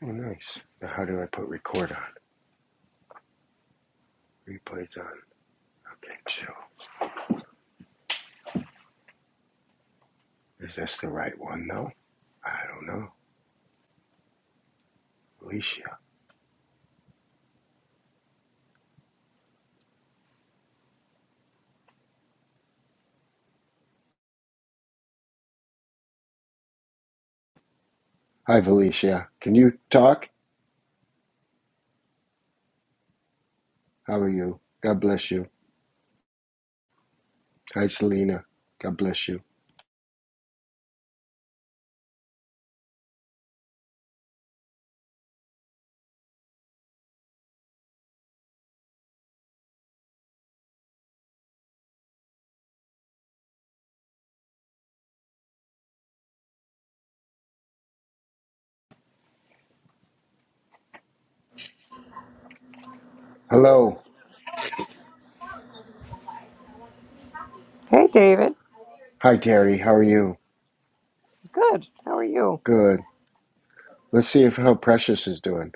Oh, nice. Now, how do I put record on? Replays on. Okay, chill. Is this the right one, though? I don't know. Alicia. Hi, Alicia. Can you talk? How are you? God bless you. Hi, Selena. God bless you. Hello. Hey, David. Hi, Terry. How are you? Good. How are you? Good. Let's see if how Precious is doing.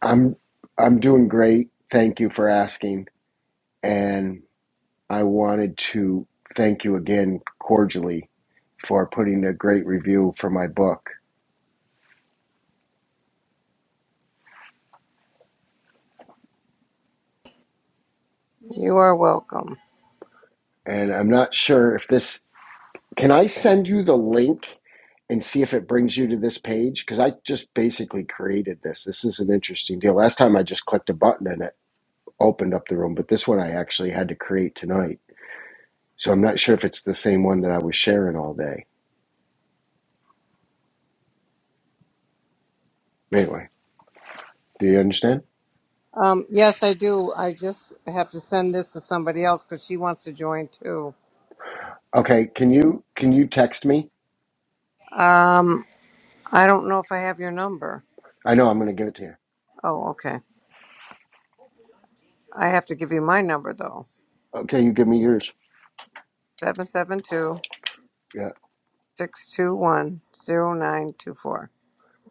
I'm I'm doing great. Thank you for asking. And I wanted to thank you again cordially for putting a great review for my book. You are welcome. and I'm not sure if this. Can I send you the link and see if it brings you to this page? Because I just basically created this. This is an interesting deal. Last time I just clicked a button and it opened up the room, but this one I actually had to create tonight. So I'm not sure if it's the same one that I was sharing all day. Anyway, do you understand? Um, yes, I do. I just have to send this to somebody else because she wants to join too. Okay, can you can you text me? Um, I don't know if I have your number. I know I'm going to give it to you. Oh, okay. I have to give you my number though. Okay, you give me yours. Seven seven two Yeah, six two one zero nine two four.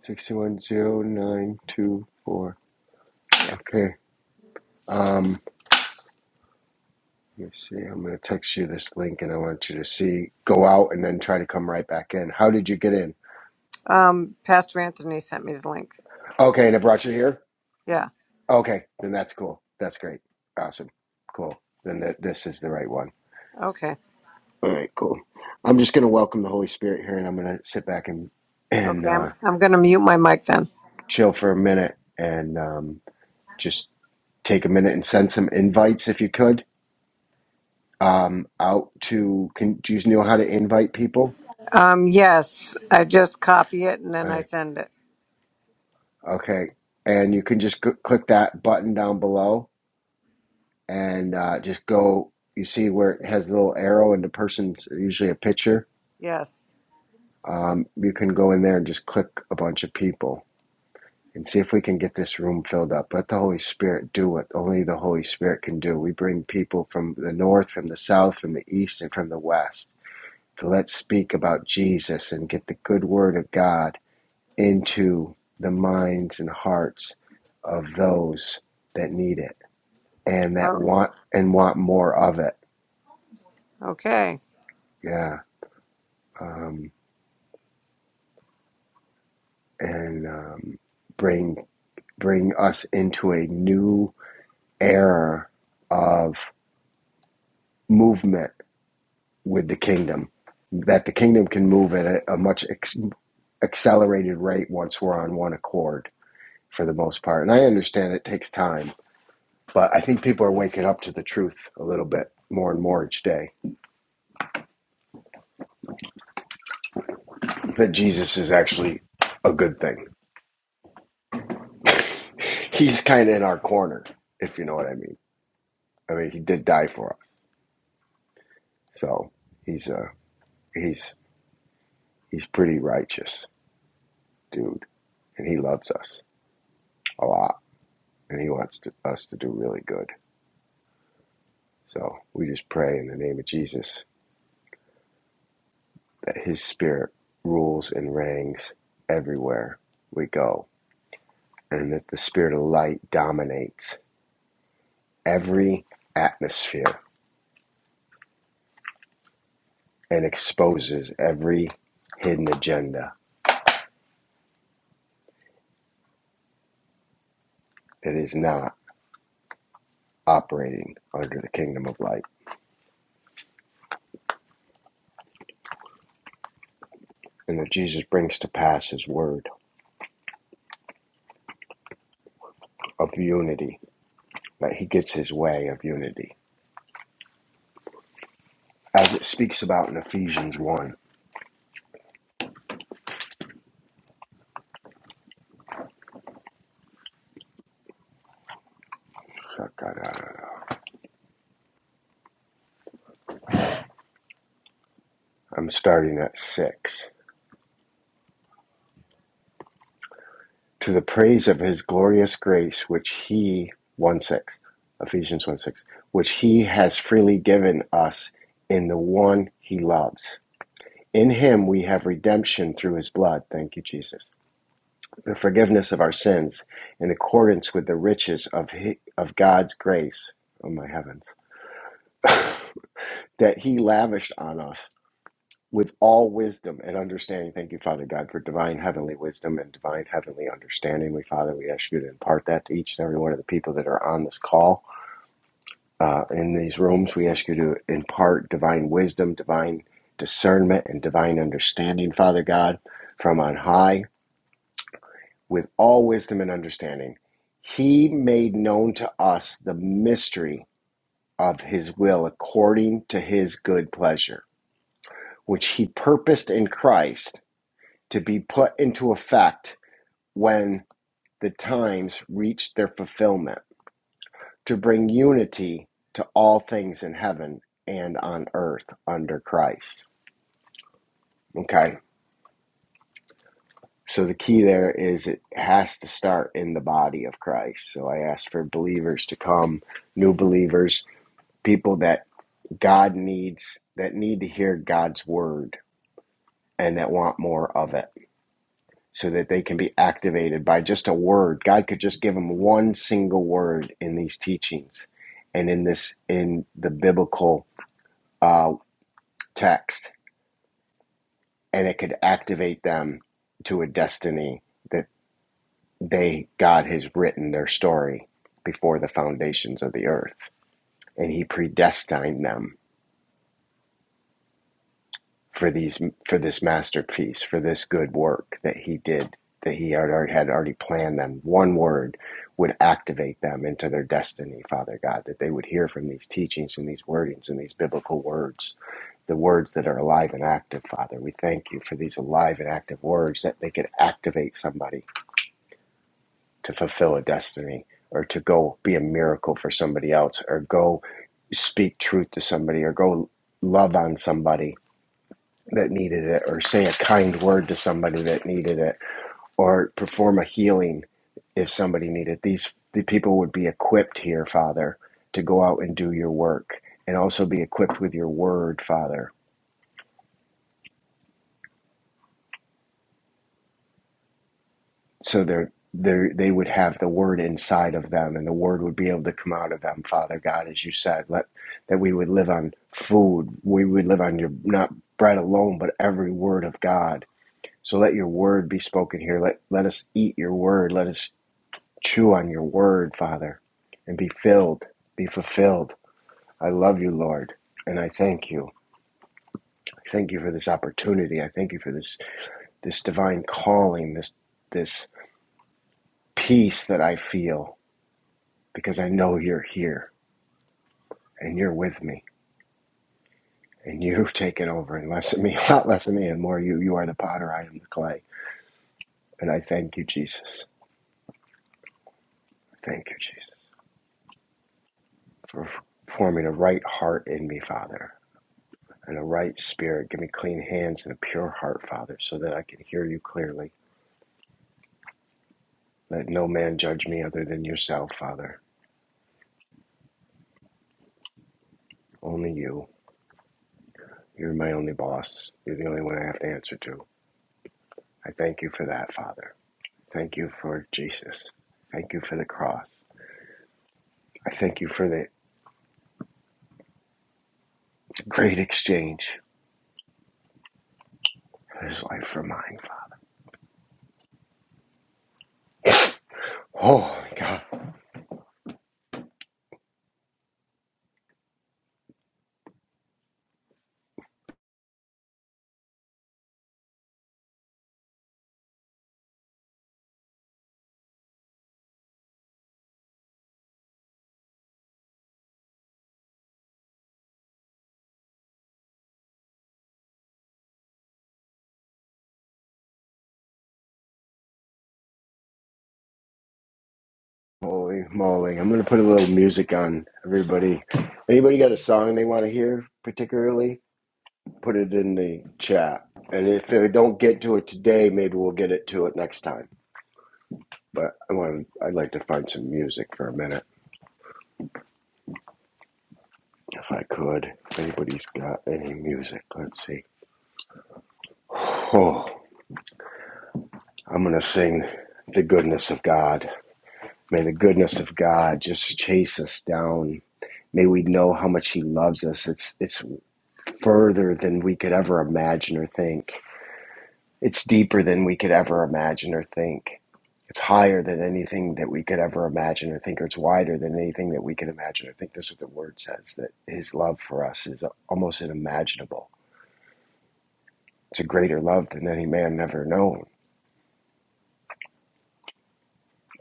sixty-one zero nine two four. Yeah. Okay. Um. You see, I'm going to text you this link and I want you to see. Go out and then try to come right back in. How did you get in? Um, Pastor Anthony sent me the link. Okay, and it brought you here? Yeah. Okay, then that's cool. That's great. Awesome. Cool. Then th- this is the right one. Okay. All right, cool. I'm just going to welcome the Holy Spirit here and I'm going to sit back and, and Okay. I'm uh, I'm gonna mute my mic then. chill for a minute and um, just take a minute and send some invites if you could um, out to. Can, do you know how to invite people? Um, yes. I just copy it and then Uh, I send it. Okay. And you can just c- click that button down below and uh, just go. You see where it has a little arrow and the person's usually a picture. Yes. Um, you can go in there and just click a bunch of people and see if we can get this room filled up. Let the Holy Spirit do what only the Holy Spirit can do. We bring people from the north, from the south, from the east, and from the west. So let's speak about Jesus and get the good word of God into the minds and hearts of those that need it. and Oh, that want and want more of it. Okay. Yeah, um, and um, bring bring us into a new era of movement with the kingdom. That the kingdom can move at a, a much ex- accelerated rate once we're on one accord, for the most part. And I understand it takes time, but I think people are waking up to the truth a little bit more and more each day that Jesus is actually a good thing. He's kind of in our corner, if you know what I mean. I mean, he did die for us, so he's a he's he's pretty righteous dude, and he loves us a lot, and he wants to, us to do really good. So we just pray in the name of Jesus that His Spirit rules and reigns everywhere we go, and that the Spirit of light dominates every atmosphere and exposes every hidden agenda that is not operating under the kingdom of light, and that Jesus brings to pass His word of unity, that he gets his way of unity. As it speaks about in Ephesians 1, I'm starting at 6. To the praise of his glorious grace, which he, 1 6, Ephesians 1 6, which he has freely given us in the one he loves. In him we have redemption through his blood, thank you, Jesus, the forgiveness of our sins in accordance with the riches of, hi of God's grace. Oh, my heavens. that He lavished on us with all wisdom and understanding. Thank you, Father God, for divine heavenly wisdom and divine heavenly understanding. We, Father, we ask you to impart that to each and every one of the people that are on this call uh, in these rooms. We ask you to impart divine wisdom, divine discernment, and divine understanding, Father God, from on high with all wisdom and understanding. He made known to us the mystery of his will according to his good pleasure which he purposed in Christ to be put into effect when the times reached their fulfillment, to bring unity to all things in heaven and on earth under Christ. Okay. So the key there is it has to start in the body of Christ. So I ask for believers to come, new believers, people that God needs, that need to hear God's word and that want more of it so that they can be activated by just a word. God could just give them one single word in these teachings and in this in the biblical uh, text, and it could activate them to a destiny that they God has written their story before the foundations of the earth, and He predestined them for these for this masterpiece for this good work that he did that he had already, had already planned them one word would activate them into their destiny father god that they would hear from these teachings and these wordings and these biblical words the words that are alive and active father we thank you for these alive and active words that they could activate somebody to fulfill a destiny or to go be a miracle for somebody else or go speak truth to somebody or go love on somebody that needed it, or say a kind word to somebody that needed it, or perform a healing if somebody needed. it. These the people would be equipped here, Father, to go out and do your work, and also be equipped with your word, Father, so they're. They they would have the word inside of them, and the word would be able to come out of them, Father God, as you said, let that we would live on food, we would live on your not bread alone, but every word of God. So let your word be spoken here. Let let us eat your word. Let us Chew on your word, Father, and be filled, be fulfilled. I love you, Lord, and I thank you. I thank you for this opportunity. I thank you for this this divine calling, this this peace that I feel because I know you're here and you're with me and you've taken over and less of me, a lot less of me, and more you. You are the potter, I am the clay, and I thank you, Jesus. Thank you, Jesus, for forming a right heart in me, Father and a right spirit. Give me clean hands and a pure heart, Father, so that I can hear you clearly. Let no man judge me other than yourself, Father. Only you. You're my only boss. You're the only one I have to answer to. I thank you for that, Father. Thank you for Jesus. Thank you for the cross. I thank you for the great exchange. of His life for mine, Father. Holy God. Holy moly. I'm going to put a little music on everybody. Anybody got a song they want to hear particularly? Put it in the chat. And if I don't get to it today, maybe we'll get it to it next time. But I want to, I'd like to find some music for a minute, if I could. If anybody's got any music, let's see. Oh, I'm gonna sing the goodness of God. May the goodness of God just chase us down. May we know how much He loves us. It's it's further than we could ever imagine or think. It's deeper than we could ever imagine or think. It's higher than anything that we could ever imagine or think, or it's wider than anything that we could imagine or think. That's what the word says, that his love for us is almost unimaginable. It's a greater love than any man ever known.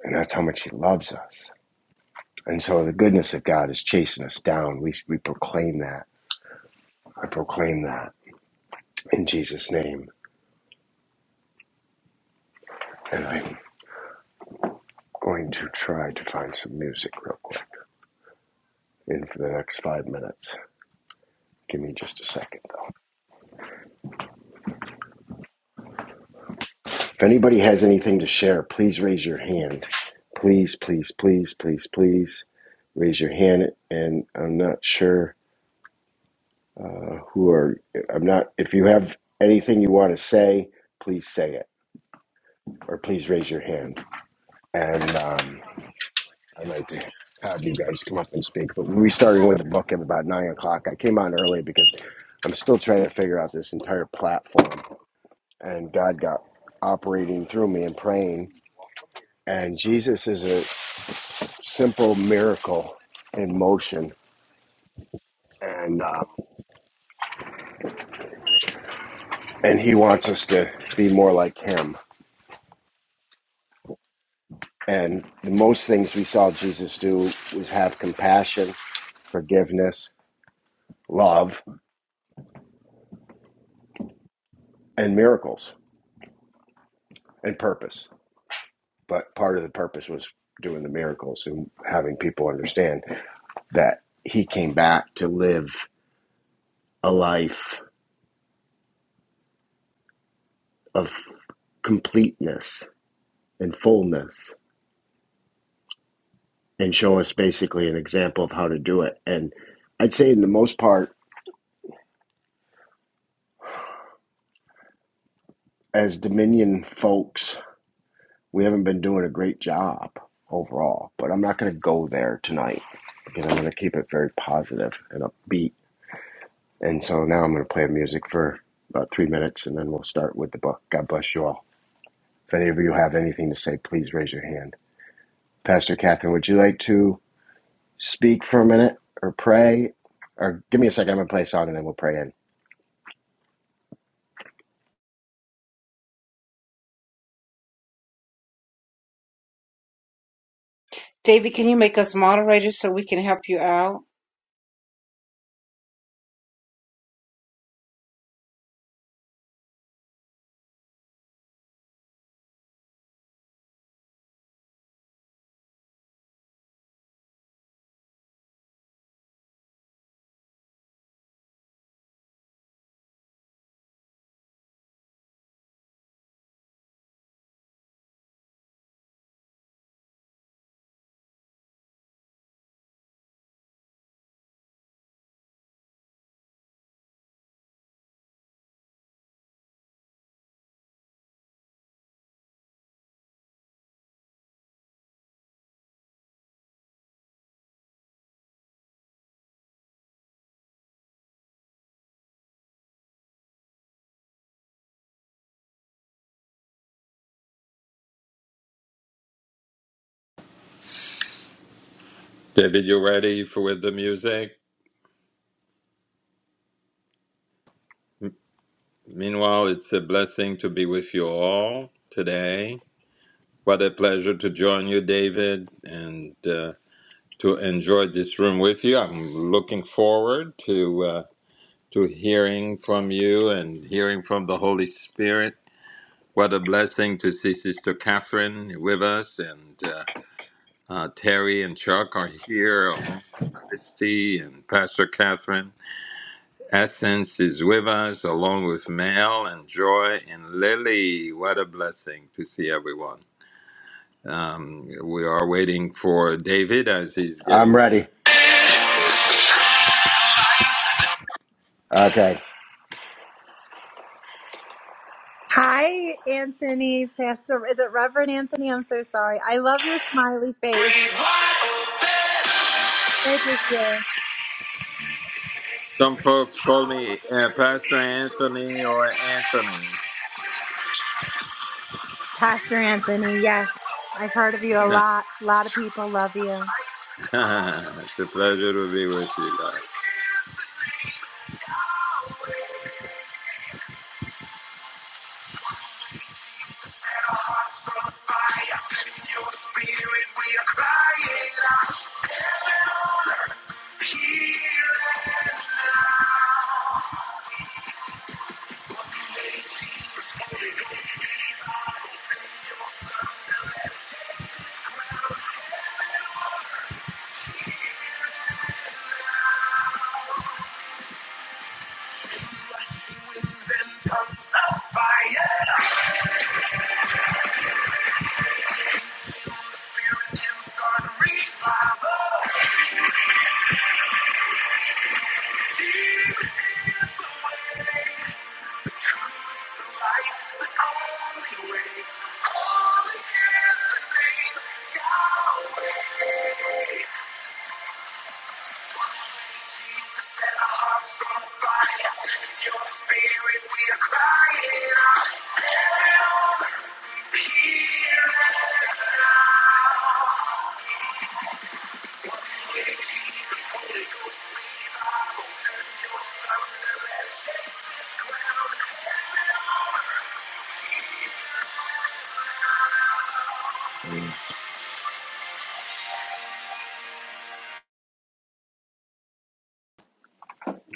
And that's how much he loves us. And so the goodness of God is chasing us down. We, we proclaim that. I proclaim that in Jesus' name. And I'm going to try to find some music real quick in for the next five minutes. Give me just a second, though. If anybody has anything to share, please raise your hand. Please, please, please, please, please raise your hand. And I'm not sure uh, who are, I'm not, if you have anything you want to say, please say it or please raise your hand. And um, I'd like to have you guys come up and speak. But we started with the book at about nine o'clock. I came on early because I'm still trying to figure out this entire platform. And God got operating through me and praying. And Jesus is a, simple miracle in motion, and um, and He wants us to be more like Him. And the most things we saw Jesus do was have compassion, forgiveness, love, and miracles and purpose. But part of the purpose was doing the miracles and having people understand that He came back to live a life of completeness and fullness and show us basically an example of how to do it. And I'd say, in the most part, as Dominion folks, we haven't been doing a great job overall, but I'm not going to go there tonight because I'm going to keep it very positive and upbeat. And so now I'm going to play music for about three minutes and then we'll start with the book. God bless you all. If any of you have anything to say, please raise your hand. Pastor Catherine, would you like to speak for a minute or pray? Or give me a second, I'm going to play a song and then we'll pray in. David, can you make us moderators so we can help you out? David, you ready for with the music? Meanwhile, it's a blessing to be with you all today. What a pleasure to join you, David, and uh, to enjoy this room with you. I'm looking forward to uh, to hearing from you and hearing from the Holy Spirit. What a blessing to see Sister Catherine with us, and uh, uh, Terry and Chuck are here along with Christy and Pastor Catherine. Essence is with us, along with Mel and Joy and Lily. What a blessing to see everyone. Um, we are waiting for David as he's getting. I'm ready. Okay. Hi, Anthony, Pastor. Is it Reverend Anthony? I'm so sorry. I love your smiley face. Glad you're here. Some folks call me uh, Pastor Anthony or Anthony. Pastor Anthony, yes. I've heard of you a lot. A lot of people love you. it's a pleasure to be with you guys. Set our hearts on fire, send your spirit, we are crying out. Heaven on earth, here and now. What you made, Jesus, Holy Ghost, revival, send your send us wings and tongues of fire. Feel the spirit, you start revival.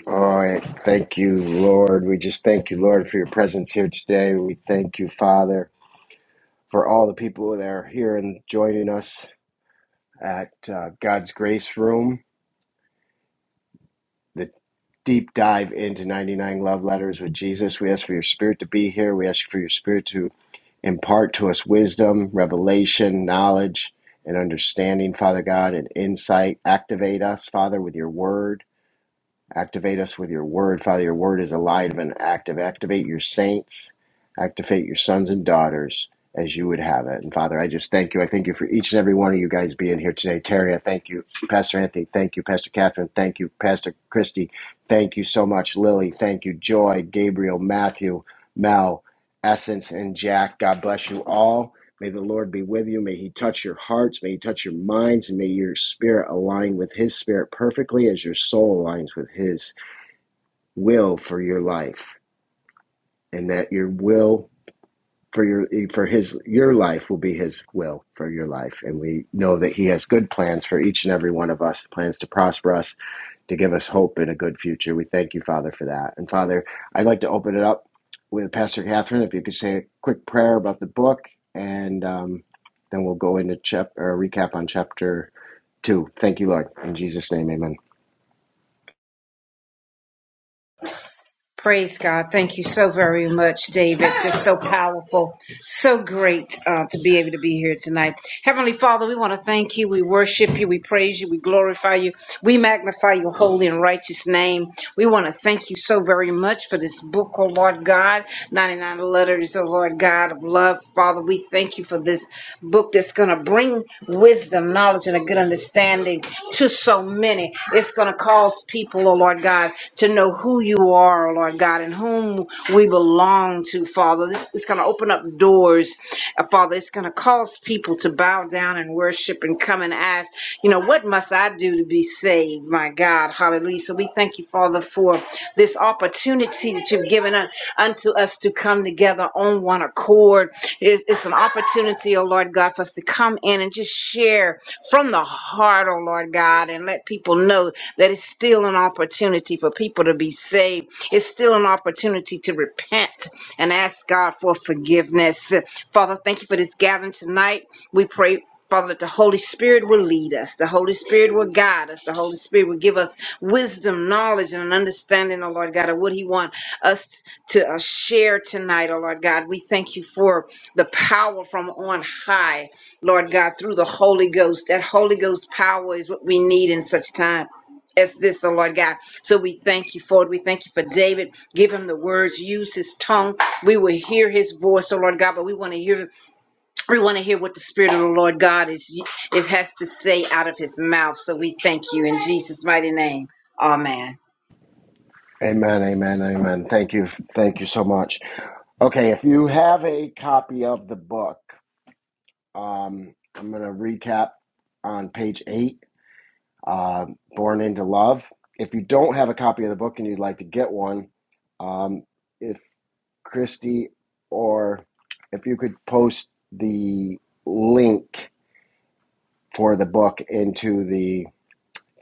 All right. Thank you, Lord. We just thank you, Lord, for your presence here today. We thank you, Father. for all the people that are here and joining us at uh, God's Grace Room, the deep dive into 99 Love Letters with Jesus. We ask for your spirit to be here. We ask for your spirit to impart to us wisdom, revelation, knowledge, and understanding, Father God, and insight. Activate us, Father, with your word Activate us with your word. Father, your word is alive and active. Activate your saints, activate your sons and daughters as you would have it. And Father, I just thank you. I thank you for each and every one of you guys being here today. Terry, I thank you. Pastor Anthony, thank you. Pastor Catherine, thank you. Pastor Christy, thank you so much. Lily, thank you. Joy, Gabriel, Matthew, Mel, Essence, and Jack, God bless you all. May the Lord be with you. May He touch your hearts. May He touch your minds. And may your spirit align with His spirit perfectly as your soul aligns with His will for your life. And that your will for your for his your life will be his will for your life and we know that he has good plans for each and every one of us plans to prosper us to give us hope in a good future. We thank you, Father, for that. And Father, I'd like to open it up with Pastor Catherine. If you could say a quick prayer about the book, and um, then we'll go into chap or recap on chapter two. Thank you, Lord, in Jesus' name, Amen. Praise God. Thank you so very much, David. Just so powerful. So great uh, to be able to be here tonight. Heavenly Father, we want to thank you. We worship you. We praise you. We glorify you. We magnify your holy and righteous name. We want to thank you so very much for this book, oh Lord God. 99 letters, oh Lord God of love. Father, we thank you for this book that's going to bring wisdom, knowledge, and a good understanding to so many. It's going to cause lost people, oh Lord God, to know who you are, oh Lord God, and whom we belong to, Father. This is going to open up doors, uh, Father. It's going to cause people to bow down and worship and come and ask, you know, what must I do to be saved, my God? Hallelujah. So we thank you, Father, for this opportunity that you've given un- unto us to come together on one accord. It's, it's an opportunity, oh Lord God, for us to come in and just share from the heart heart, oh Lord God, and let people know that it's still an opportunity for people to be saved. It's still an opportunity to repent and ask God for forgiveness. Father, thank you for this gathering tonight. We pray. Father, that the Holy Spirit will lead us. The Holy Spirit will guide us. The Holy Spirit will give us wisdom, knowledge, and an understanding, oh Lord God, of what He wants us to uh, share tonight, oh Lord God. We thank you for the power from on high. Lord God, through the Holy Ghost. That Holy Ghost power is what we need in such time as this, oh Lord God. So we thank you for it. We thank you for David. Give him the words, use his tongue. We will hear his voice, oh Lord God, but we want to hear we want to hear what the Spirit of the Lord God is it has to say out of his mouth. So we thank you in Jesus' mighty name. Amen. Amen, amen, amen. Thank you, thank you so much. Okay, if you have a copy of the book, um, I'm going to recap on page eight uh, Born into Love. If you don't have a copy of the book and you'd like to get one, um, if Christy or if you could post the link for the book into the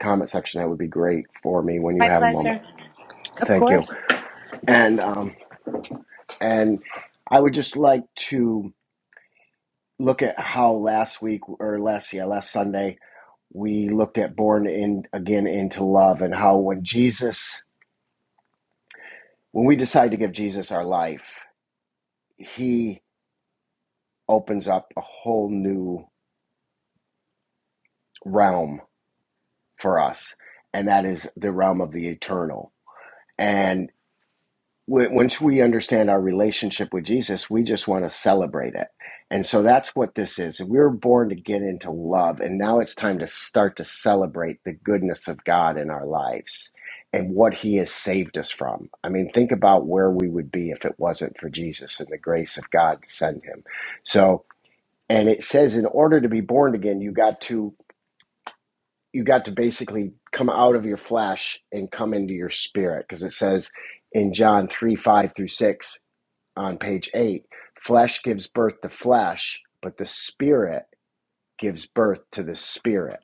comment section, that would be great for me when you My have a moment. pleasure. Of Thank you. course. And um, and I would just like to look at how last week or last yeah last Sunday we looked at Born in Again into Love and how when Jesus When we decide to give Jesus our life, he opens up a whole new realm for us, and that is the realm of the eternal. And w- once we understand our relationship with Jesus, we just want to celebrate it. And so that's what this is. We were born to get into love, and now it's time to start to celebrate the goodness of God in our lives and what He has saved us from. I mean, think about where we would be if it wasn't for Jesus and the grace of God to send Him. So, and it says in order to be born again you got to you got to basically come out of your flesh and come into your spirit because it says in john 3 5 through 6 on page 8 flesh gives birth to flesh but the spirit gives birth to the spirit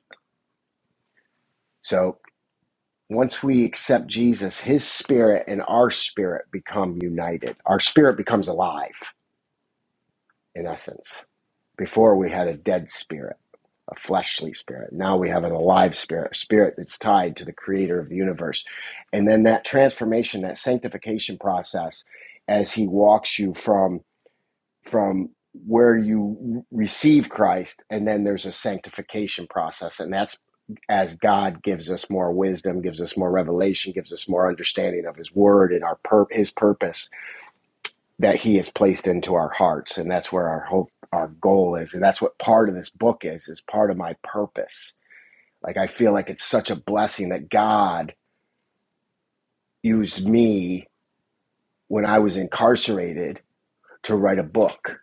so once we accept jesus his spirit and our spirit become united our spirit becomes alive in essence. Before we had a dead spirit, a fleshly spirit. Now we have an alive spirit, a spirit that's tied to the creator of the universe. And then that transformation, that sanctification process as he walks you from from where you receive Christ and then there's a sanctification process and that's as God gives us more wisdom, gives us more revelation, gives us more understanding of His Word and our pur- His purpose that he has placed into our hearts and that's where our hope our goal is and that's what part of this book is is part of my purpose like i feel like it's such a blessing that god used me when i was incarcerated to write a book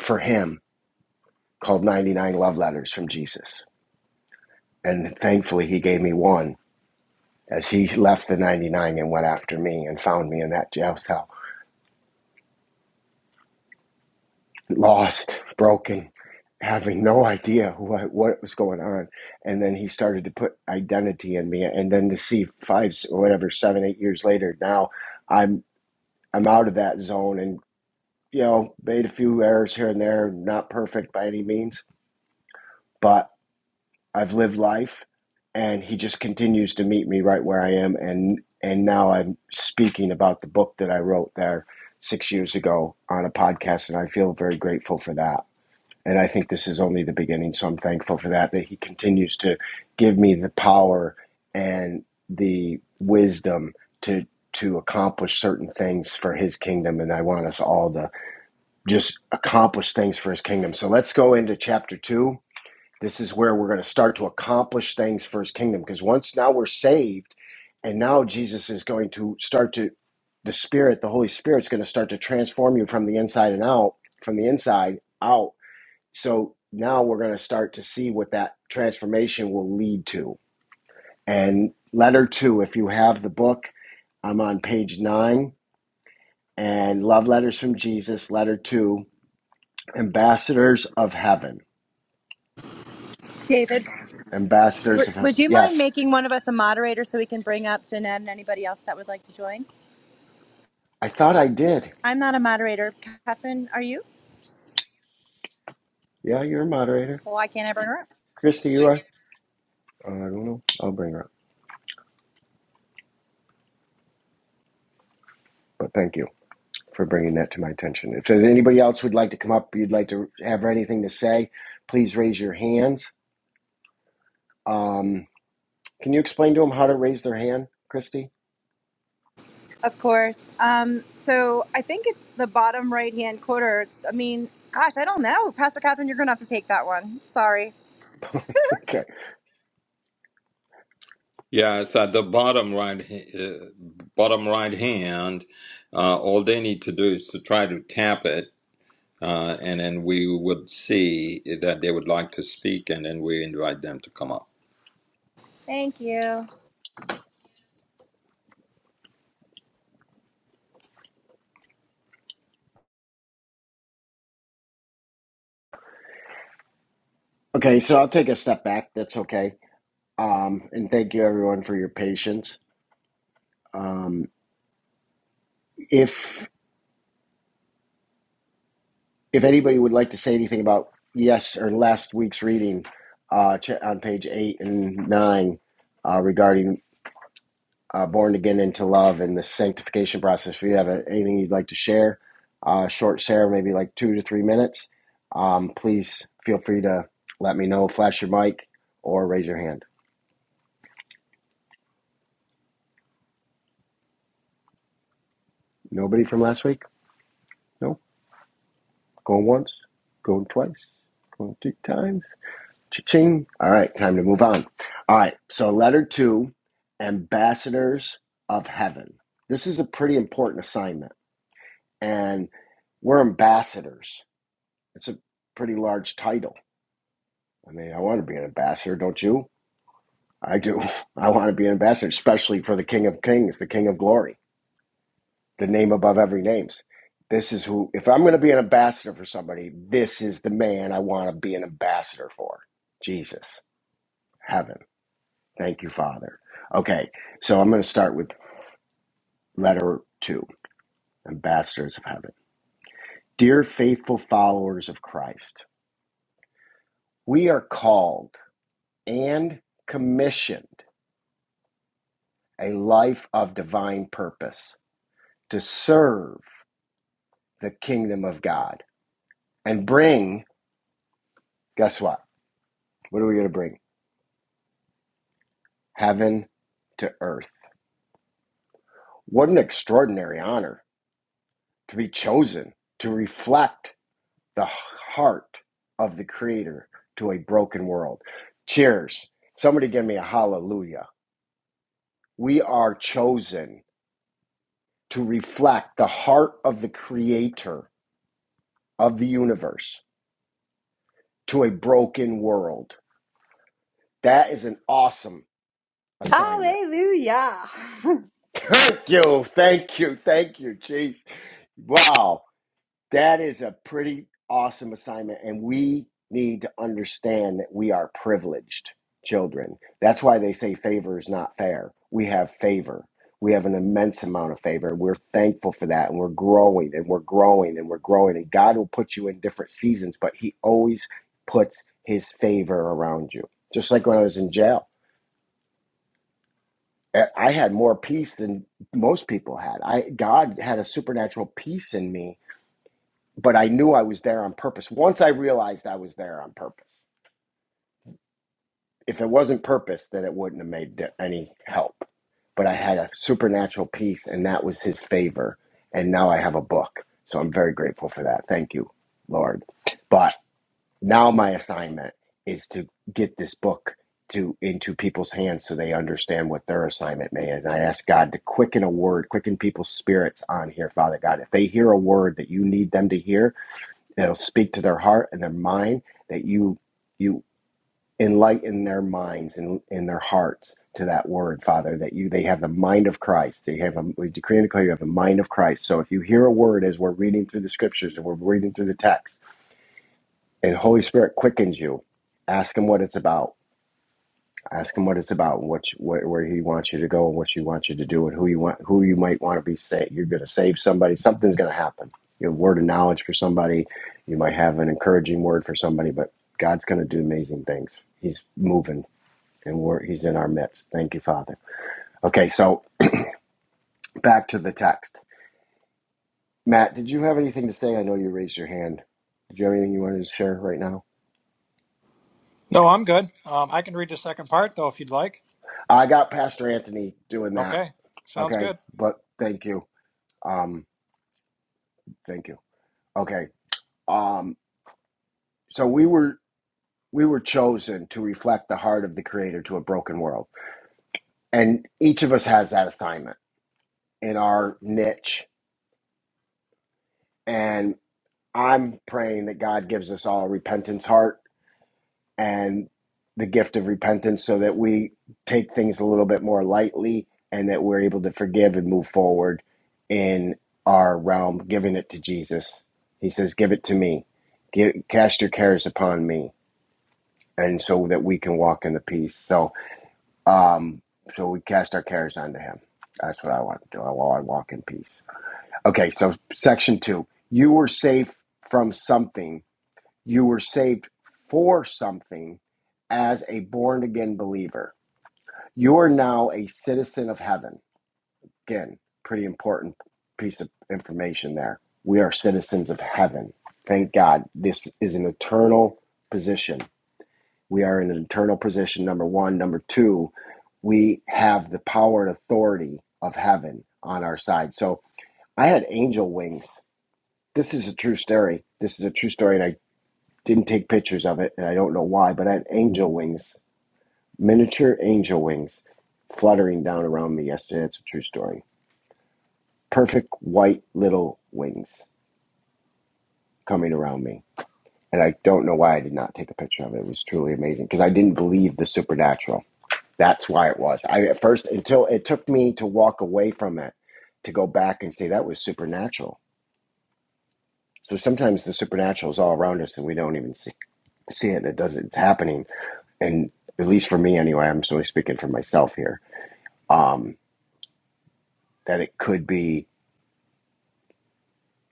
for him called 99 love letters from jesus and thankfully he gave me one as he left the 99 and went after me and found me in that jail cell lost, broken, having no idea who I, what was going on. And then he started to put identity in me. And then to see five, whatever, seven, eight years later, now I'm I'm out of that zone and you know made a few errors here and there, not perfect by any means, but I've lived life, and he just continues to meet me right where I am. And and now I'm speaking about the book that I wrote there six years ago on a podcast, and I feel very grateful for that. And I think this is only the beginning. So I'm thankful for that, that he continues to give me the power and the wisdom to to accomplish certain things for his kingdom. And I want us all to just accomplish things for his kingdom. So let's go into chapter two. This is where we're going to start to accomplish things for his kingdom. Because once now we're saved, and now Jesus is going to start to the Spirit, the Holy Spirit's going to start to transform you from the inside and out, from the inside out so now we're going to start to see what that transformation will lead to. And letter two, if you have the book, I'm on page nine and Love Letters from Jesus, letter two, Ambassadors of Heaven. David, Ambassadors w- of would Heaven. you mind Yes, making one of us a moderator so we can bring up Jeanette and anybody else that would like to join? I thought I did. I'm not a moderator. Catherine, are you? Yeah, you're a moderator. Well, why can't I bring her up? Christy, you are? Uh, I don't know. I'll bring her up. But thank you for bringing that to my attention. If there's anybody else who'd like to come up, you'd like to have anything to say, please raise your hands. Um, Can you explain to them how to raise their hand, Christy? Of course. Um, so I think it's the bottom right hand quarter. I mean, gosh, I don't know. Pastor Catherine, you're going to have to take that one. Sorry. Okay. Yes, at the bottom right, uh, bottom right hand, uh, all they need to do is to try to tap it uh, and then we would see that they would like to speak, and then we invite them to come up. Thank you. Okay, so I'll take a step back. That's okay. Um, and thank you everyone for your patience. Um, if if anybody would like to say anything about yes or last week's reading uh, on page eight and nine uh, regarding uh, born again into love and the sanctification process, if you have a, anything you'd like to share, uh, short share, maybe like two to three minutes, um, please feel free to let me know. Flash your mic or raise your hand. Nobody from last week? No. Going once, going twice, going three times. Cha-ching. All right, time to move on. All right, so letter two, ambassadors of heaven. This is a pretty important assignment, and we're ambassadors. It's a pretty large title. I mean, I want to be an ambassador, don't you? I do. I want to be an ambassador, especially for the King of Kings, the King of Glory. the name above every names. This is who, if I'm going to be an ambassador for somebody, this is the man I want to be an ambassador for. Jesus, heaven. Thank you, Father. Okay, so I'm going to start with letter two Ambassadors of Heaven. Dear faithful followers of Christ, we are called and commissioned a life of divine purpose to serve the kingdom of God and bring, guess what? What are we going to bring? heaven to earth. What an extraordinary honor to be chosen to reflect the heart of the Creator to a broken world. Cheers. Somebody give me a hallelujah. We are chosen to reflect the heart of the Creator of the universe to a broken world. That is an awesome assignment. Hallelujah. Thank you. Thank you. Thank you. Jeez. Wow. That is a pretty awesome assignment, and we need to understand that we are privileged children. That's why they say favor is not fair. We have favor. We have an immense amount of favor. We're thankful for that, and we're growing, and we're growing, and we're growing. And God will put you in different seasons, but He always puts His favor around you. Just like when I was in jail, I I had more peace than most people had. I God had a supernatural peace in me but I knew I was there on purpose. Once I realized I was there on purpose, if it wasn't purpose, then it wouldn't have made any help. But I had a supernatural peace, and that was His favor. And now I have a book, so I'm very grateful for that. Thank you, Lord. But now my assignment is to get this book to into people's hands so they understand what their assignment may is. And I ask God to quicken a word, quicken people's spirits on here, Father God. If they hear a word that you need them to hear, that'll speak to their heart and their mind that you you enlighten their minds and in their hearts to that word father that you they have the mind of christ they have a, we decree and declare you have the mind of christ so if you hear a word as we're reading through the scriptures and we're reading through the text and holy spirit quickens you ask him what it's about Ask him what it's about, and what you, where, where he wants you to go, and what you want you to do, and who you want, who you might want to be saved. You're going to save somebody. Something's going to happen. You have a word of knowledge for somebody. You might have an encouraging word for somebody, but God's going to do amazing things. He's moving, and we're, He's in our midst. Thank you, Father. Okay, so back to the text. Matt, did you have anything to say? I know you raised your hand. Did you have anything you wanted to share right now? No, I'm good. Um, I can read the second part though if you'd like. I got Pastor Anthony doing that. Okay, sounds good. Okay, but thank you. Um, thank you. Okay. Um, so we were we were chosen to reflect the heart of the Creator to a broken world, and each of us has that assignment in our niche. And I'm praying that God gives us all a repentance heart and the gift of repentance, so that we take things a little bit more lightly, and that we're able to forgive and move forward in our realm, giving it to Jesus. He says, "Give it to me. Give, cast your cares upon me." And so that we can walk in the peace. So, Um, so we cast our cares onto him. That's what I want to do. I want to walk in peace. Okay, so section two. You were saved from something. You were saved for something as a born again believer. You are now a citizen of heaven. Again, pretty important piece of information there. We are citizens of heaven. Thank God. This is an eternal position we are in an eternal position, number one. Number two, we have the power and authority of heaven on our side. So I had angel wings. This is a true story. This is a true story, and I didn't take pictures of it, and I don't know why, but I had angel wings, miniature angel wings fluttering down around me yesterday. It's a true story. Perfect white little wings coming around me. And I don't know why I did not take a picture of it. It was truly amazing because I didn't believe the supernatural. That's why it was. I at first until it took me to walk away from it to go back and say that was supernatural. So sometimes the supernatural is all around us and we don't even see, see it. and It does not it's happening, and at least for me anyway, I'm solely speaking for myself here. Um, that it could be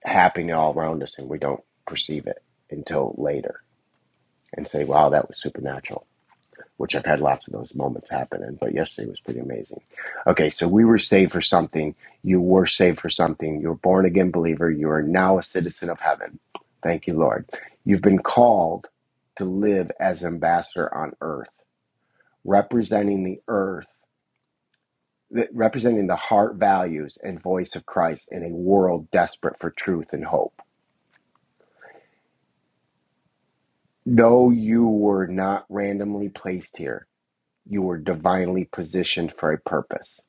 happening all around us and we don't perceive it until later and say, "Wow, that was supernatural." which I've had lots of those moments happening, but yesterday was pretty amazing. Okay, so we were saved for something. You were saved for something. You're a born again believer. You are now a citizen of heaven. Thank you, Lord. You've been called to live as ambassador on earth, representing the earth, th- representing the heart values and voice of Christ in a world desperate for truth and hope. No, you were not randomly placed here. You were divinely positioned for a purpose.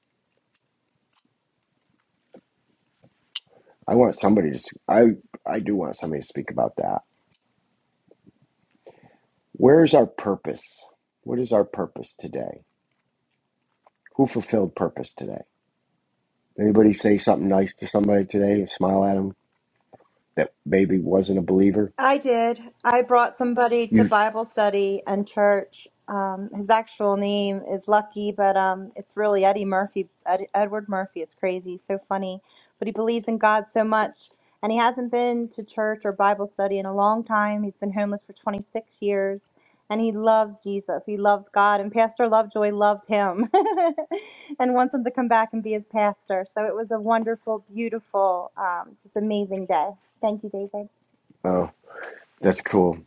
I want somebody to. s- I I do want somebody to speak about that. Where is our purpose? What is our purpose today? Who fulfilled purpose today? Anybody say something nice to somebody today and smile at them that maybe wasn't a believer? I did. I brought somebody to You. Bible study and church. Um, his actual name is Lucky, but um, it's really Eddie Murphy, Ed- Edward Murphy. It's crazy, so funny. But he believes in God so much, and he hasn't been to church or Bible study in a long time. He's been homeless for 26 years, and he loves Jesus. He loves God, and Pastor Lovejoy loved him and wants him to come back and be his pastor. So it was a wonderful, beautiful, um, just amazing day. Thank you, David. Oh, that's cool.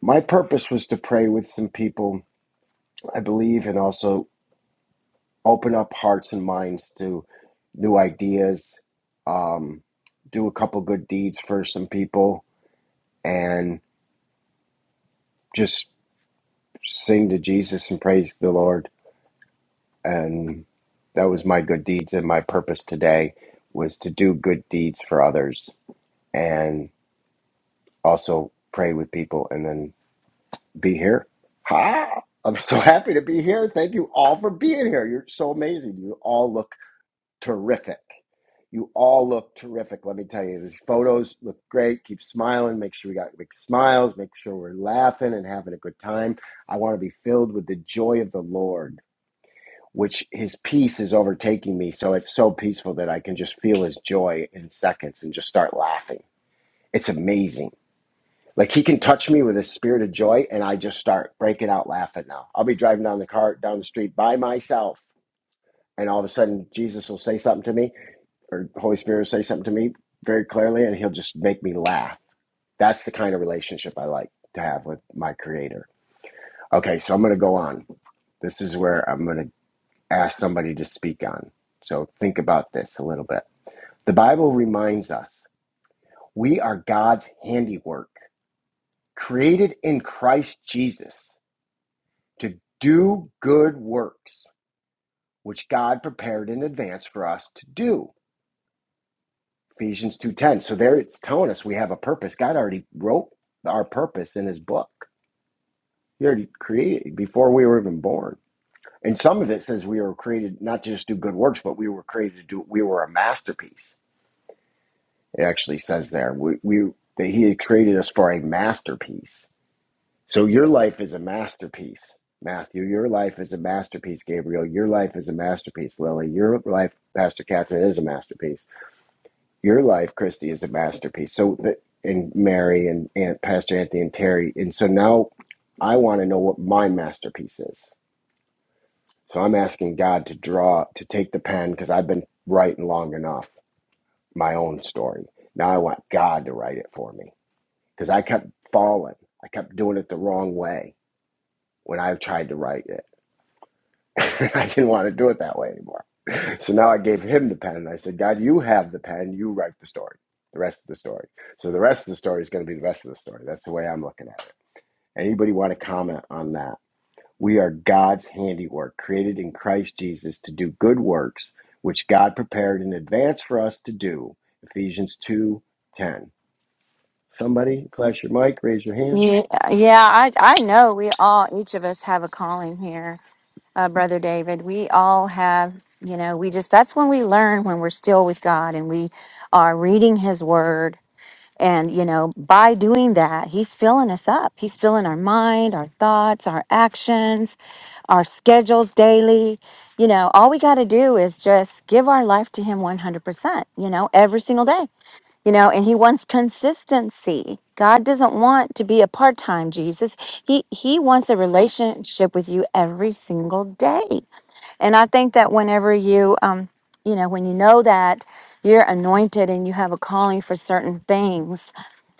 My purpose was to pray with some people I believe, and also open up hearts and minds to new ideas. Um, do a couple good deeds for some people, and just sing to Jesus and praise the Lord. And that was my good deeds and my purpose today was to do good deeds for others and also pray with people and then be here. Hi. I'm so happy to be here. Thank you all for being here. You're so amazing. You all look terrific. You all look terrific. Let me tell you, these photos look great. Keep smiling. Make sure we got big smiles. Make sure we're laughing and having a good time. I want to be filled with the joy of the Lord which his peace is overtaking me. So it's so peaceful that I can just feel his joy in seconds and just start laughing. It's amazing. Like he can touch me with a spirit of joy and I just start breaking out laughing now. I'll be driving down the car down the street by myself and all of a sudden Jesus will say something to me or Holy Spirit will say something to me very clearly and he'll just make me laugh. That's the kind of relationship I like to have with my creator. Okay, so I'm going to go on. This is where I'm going to ask somebody to speak on. So think about this a little bit. The Bible reminds us we are God's handiwork, created in Christ Jesus to do good works, which God prepared in advance for us to do. Ephesians 2:10. So there it's telling us we have a purpose. God already wrote our purpose in his book. He already created it before we were even born. And some of it says we were created not to just do good works, but we were created to do we were a masterpiece It actually says there, we, we that He had created us for a masterpiece. So your life is a masterpiece, Matthew. Your life is a masterpiece, Gabriel. Your life is a masterpiece, Lily. Your life, Pastor Catherine, is a masterpiece. Your life, Christy, is a masterpiece. So the, and Mary and Aunt Pastor Anthony and Terry. And so now I want to know what my masterpiece is. So I'm asking God to draw, to take the pen because I've been writing long enough my own story. Now I want God to write it for me. because I kept falling. I kept doing it the wrong way when I tried to write it. I didn't want to do it that way anymore. So now I gave him the pen and I said, God, you have the pen. You write the story, the rest of the story. So the rest of the story is going to be the rest of the story. That's the way I'm looking at it. Anybody want to comment on that? We are God's handiwork, created in Christ Jesus to do good works, which God prepared in advance for us to do. Ephesians two ten. Somebody flash your mic, raise your hand. Yeah, yeah, I I know we all each of us have a calling here, uh, brother David. We all have, you know, we just that's when we learn when we're still with God and we are reading his word and you know, by doing that, he's filling us up. He's filling our mind, our thoughts, our actions, our schedules daily. You know, all we got to do is just give our life to him 100%, you know, every single day you know and he wants consistency god doesn't want to be a part-time jesus he he wants a relationship with you every single day and i think that whenever you um you know when you know that you're anointed and you have a calling for certain things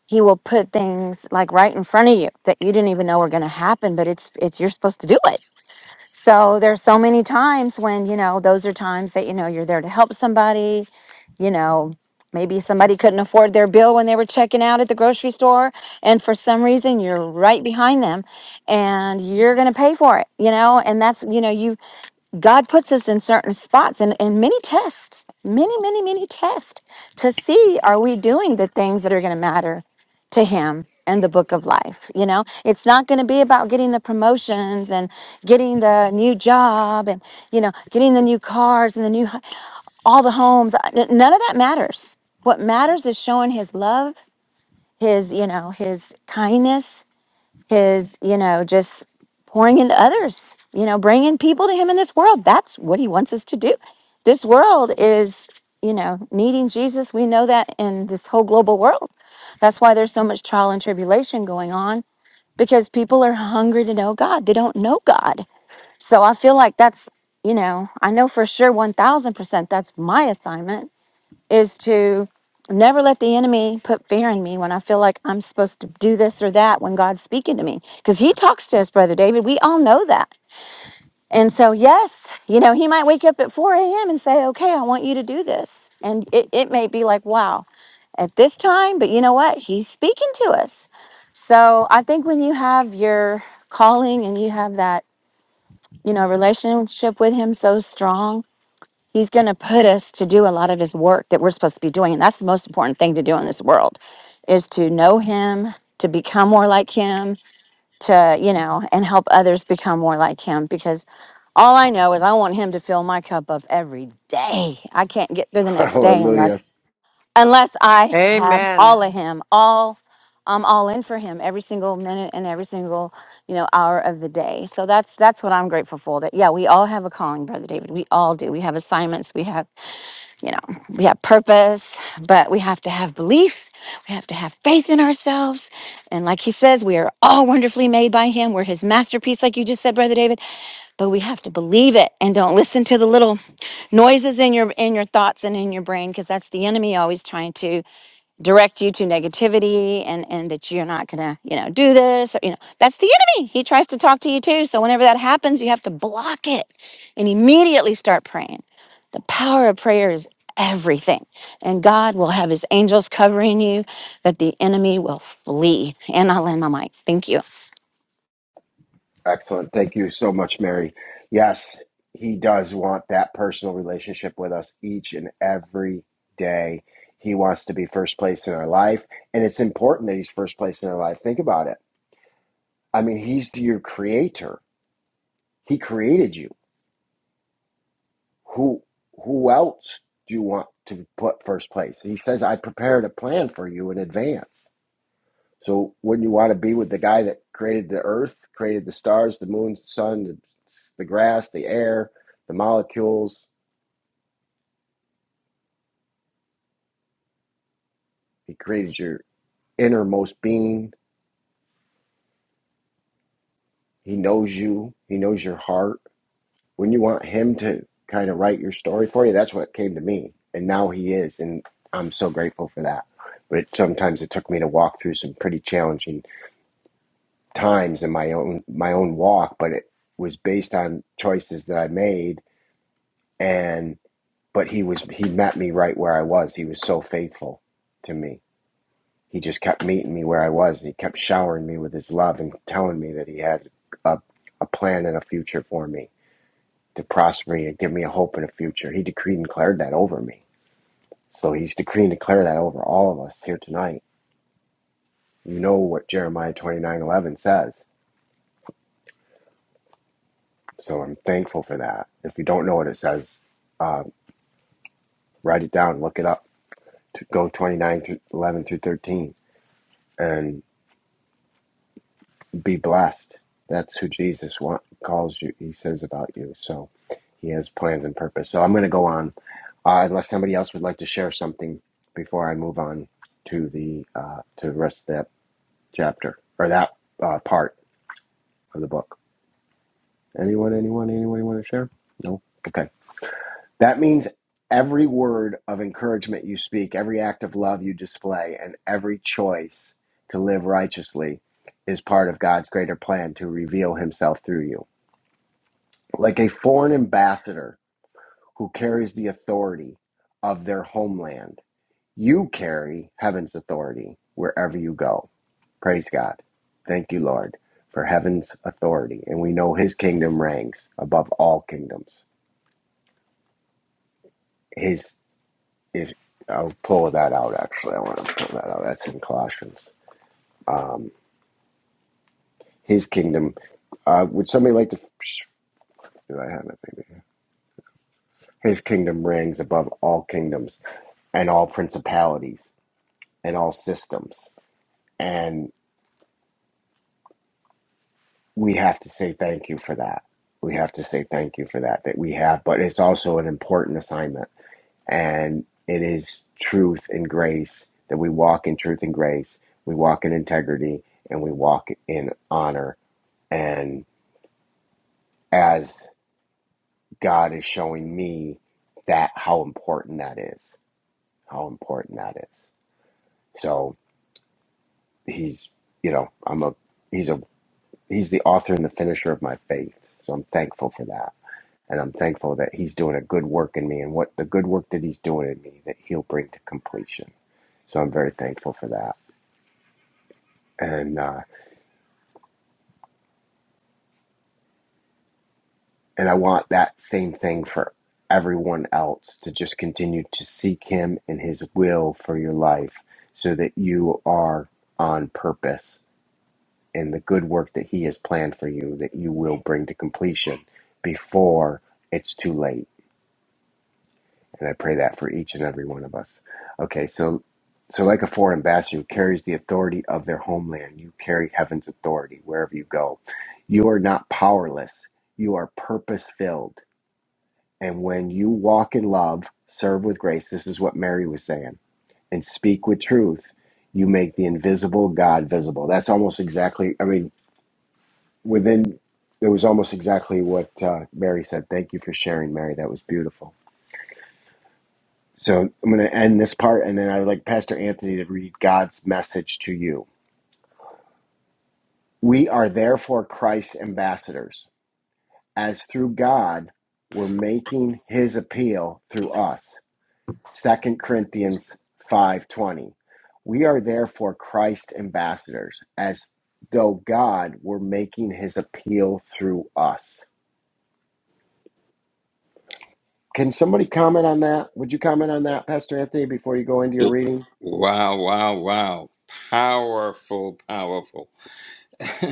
he will put things like right in front of you that you didn't even know were going to happen but it's it's you're supposed to do it so there's so many times when, you know, those are times that, you know, you're there to help somebody, you know, maybe somebody couldn't afford their bill when they were checking out at the grocery store. And for some reason, you're right behind them and you're going to pay for it, you know, and that's, you know, you God puts us in certain spots and, and many tests, many, many, many tests to see are we doing the things that are going to matter to Him in the book of life? You know, it's not going to be about getting the promotions and getting the new job and, you know, getting the new cars and the new, h- all the homes. Uh, n- None of that matters. What matters is showing His love, His, you know, His kindness his, you know, just pouring into others, you know, bringing people to him in this world. That's what he wants us to do. This world is, you know, needing Jesus. We know that in this whole global world. That's why there's so much trial and tribulation going on because people are hungry to know God. They don't know God. So I feel like that's, you know, I know for sure 1000% that's my assignment is to never let the enemy put fear in me when I feel like I'm supposed to do this or that when God's speaking to me. Because he talks to us, Brother David. We all know that. And so, yes, you know, he might wake up at 4 a.m. and say, okay, I want you to do this. And it, it may be like, wow, at this time, but you know what? He's speaking to us. So I think when you have your calling and you have that, you know, relationship with him so strong, He's going to put us to do a lot of his work that we're supposed to be doing. And that's the most important thing to do in this world is to know him, to become more like him, to, you know, and help others become more like him because all I know is I want him to fill my cup up every day. I can't get through the next day Hallelujah. unless unless I have Amen. all of him, all I'm all in for him every single minute and every single, you know, hour of the day. So that's that's what I'm grateful for. That yeah, we all have a calling, brother David. We all do. We have assignments. We have you know, we have purpose, but we have to have belief. We have to have faith in ourselves. And like he says, we are all wonderfully made by him. We're his masterpiece, like you just said, Brother David. But we have to believe it and don't listen to the little noises in your in your thoughts and in your brain, because that's the enemy always trying to direct you to negativity and and that you're not gonna you know do this or, you know that's the enemy he tries to talk to you too so whenever that happens you have to block it and immediately start praying the power of prayer is everything. And God will have his angels covering you, that the enemy will flee. And I'll end my mic. Thank you. Excellent. Thank you so much, Mary. Yes, he does want that personal relationship with us each and every day. He wants to be first place in our life, and it's important that he's first place in our life. Think about it. I mean, he's your creator. He created you. Who who else do you want to put first place? He says, "I prepared a plan for you in advance." So wouldn't you want to be with the guy that created the earth, created the stars, the moon, the sun, the, the grass, the air, the molecules? He created your innermost being. He knows you. He knows your heart. Wouldn't you want him to kind of write your story for you? That's what came to me. And now he is. And I'm so grateful for that. But it, sometimes it took me to walk through some pretty challenging times in my own my own walk, but it was based on choices that I made and. but he was he met me right where I was. He was so faithful to me. He just kept meeting me where I was. He kept showering me with his love and telling me that he had a, a plan and a future for me to prosper me and give me a hope and a future. He decreed and declared that over me. So he's decreed and declared that over all of us here tonight. You know what Jeremiah twenty nine eleven says. So I'm thankful for that. If you don't know what it says, uh, write it down, look it up. Go twenty nine eleven through 13 and. be blessed. That's who Jesus want, calls you. He says about you. So he has plans and purpose. So I'm going to go on, uh, unless somebody else would like to share something before I move on to the uh, to the rest of that chapter or that uh, part of the book. Anyone? Anyone? Anyone want to share? No. Okay. That means every word of encouragement you speak, every act of love you display, and every choice to live righteously is part of God's greater plan to reveal Himself through you. like a foreign ambassador who carries the authority of their homeland. You carry heaven's authority wherever you go. Praise God. Thank you, Lord, for heaven's authority. And we know his kingdom reigns above all kingdoms. His if I'll pull that out actually. I want to pull that out. That's in Colossians. Um, his kingdom uh, would somebody like to do I have it maybe? His kingdom reigns above all kingdoms and all principalities. in all systems. And we have to say thank you for that. We have to say thank you for that, that we have, but it's also an important assignment. And it is truth and grace that we walk in truth and grace, we walk in integrity, and we walk in honor. And as God is showing me that, how important that is, how important that is. So he's, you know, I'm a, he's a he's the author and the finisher of my faith. So I'm thankful for that. And I'm thankful that he's doing a good work in me and what the good work that he's doing in me that he'll bring to completion. So I'm very thankful for that. And uh, and I want that same thing for everyone else to just continue to seek him and his will for your life so that you are on purpose in the good work that he has planned for you that you will bring to completion before it's too late And I pray that for each and every one of us. Okay, so so like a foreign ambassador who carries the authority of their homeland, you carry heaven's authority wherever you go. You are not powerless. You are purpose filled. And when you walk in love, serve with grace, this is what Mary was saying, and speak with truth, you make the invisible God visible. That's almost exactly, I mean, within, it was almost exactly what uh, Mary said. Thank you for sharing, Mary. That was beautiful. So I'm going to end this part, and then I would like Pastor Anthony to read God's message to you. We are therefore Christ's ambassadors, as through God we're making His appeal through us. Second Corinthians five twenty. We are therefore Christ's ambassadors, as though God were making His appeal through us. Can somebody comment on that? Would you comment on that, Pastor Anthony, before you go into your reading? Wow, wow, wow. Powerful, powerful.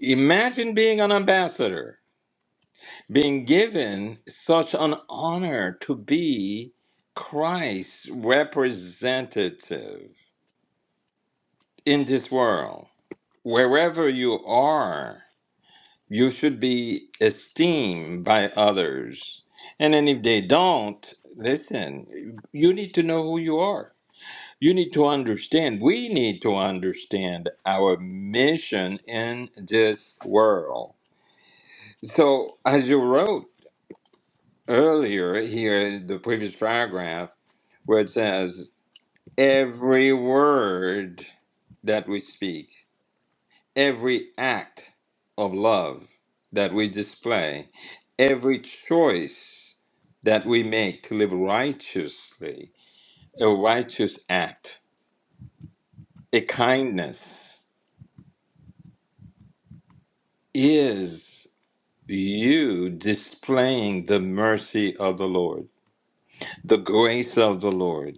Imagine being an ambassador, being given such an honor to be Christ's representative in this world, wherever you are. You should be esteemed by others. And then if they don't, listen, you need to know who you are. You need to understand, we need to understand our mission in this world. So, as you wrote earlier here in the previous paragraph, where it says, every word that we speak. every act of love that we display, every choice that we make to live righteously, a righteous act, a kindness, is you displaying the mercy of the Lord, the grace of the Lord,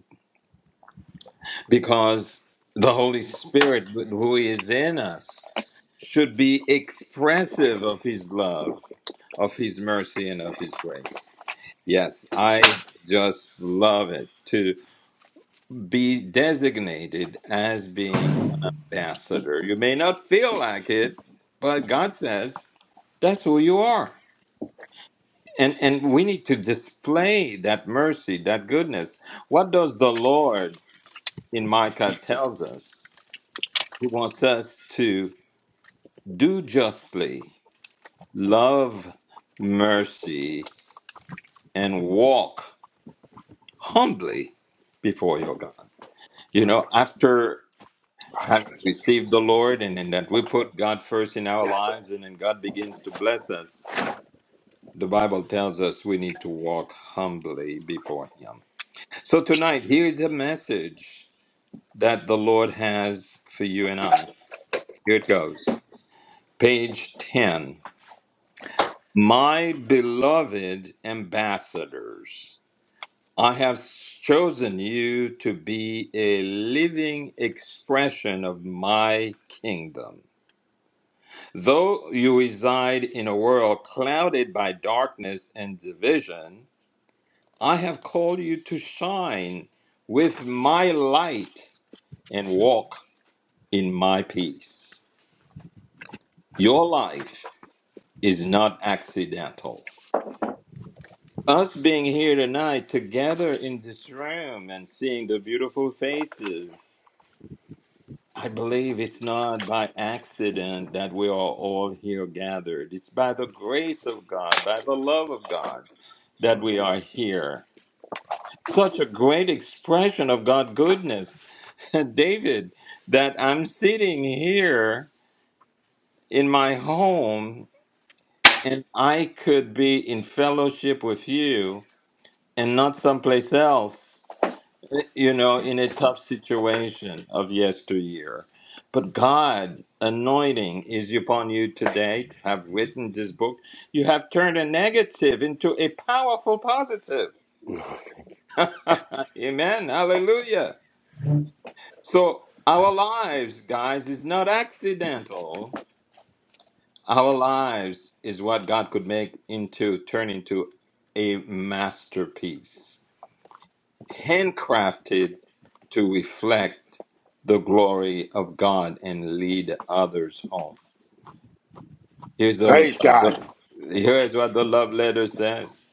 because the Holy Spirit, who is in us, should be expressive of His love, of His mercy, and of His grace. Yes, I just love it to be designated as being an ambassador. You may not feel like it, but God says that's who you are. And and we need to display that mercy, that goodness. What does the Lord in Micah tells us? He wants us to do justly, love mercy, and walk humbly before your God. You know, after having received the Lord and, and that we put God first in our lives and then God begins to bless us, the Bible tells us we need to walk humbly before Him. So tonight, here is a message that the Lord has for you and I. Here it goes. Page 10. My beloved ambassadors, I have chosen you to be a living expression of my kingdom Though you reside in a world clouded by darkness and division, I have called you to shine with my light and walk in my peace. Your life is not accidental. Us being here tonight together in this room and seeing the beautiful faces I believe it's not by accident that we are all here gathered. It's by the grace of God, by the love of God, that we are here. Such a great expression of God's goodness, David, that I'm sitting here in my home and I could be in fellowship with you and not someplace else. eh, you know, in a tough situation of yesteryear. But God anointing is upon you today to have written this book. You have turned a negative into a powerful positive. Amen. Hallelujah. So our lives, guys, is not accidental. Our lives is what God could make into turn into a masterpiece. handcrafted to reflect the glory of God and lead others home. Here's the, Praise the God. here's what the love letter says.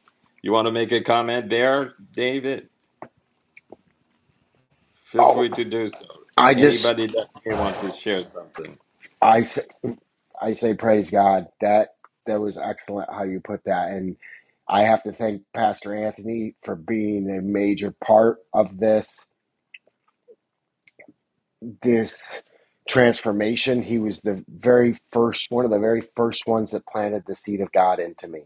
You want to make a comment there, David? Feel Oh, free to do so. I just Anybody that may want to share something. I I say praise God. That that was excellent how you put that. And I have to thank Pastor Anthony for being a major part of this this transformation. He was the very first one of the very first ones that planted the seed of God into me.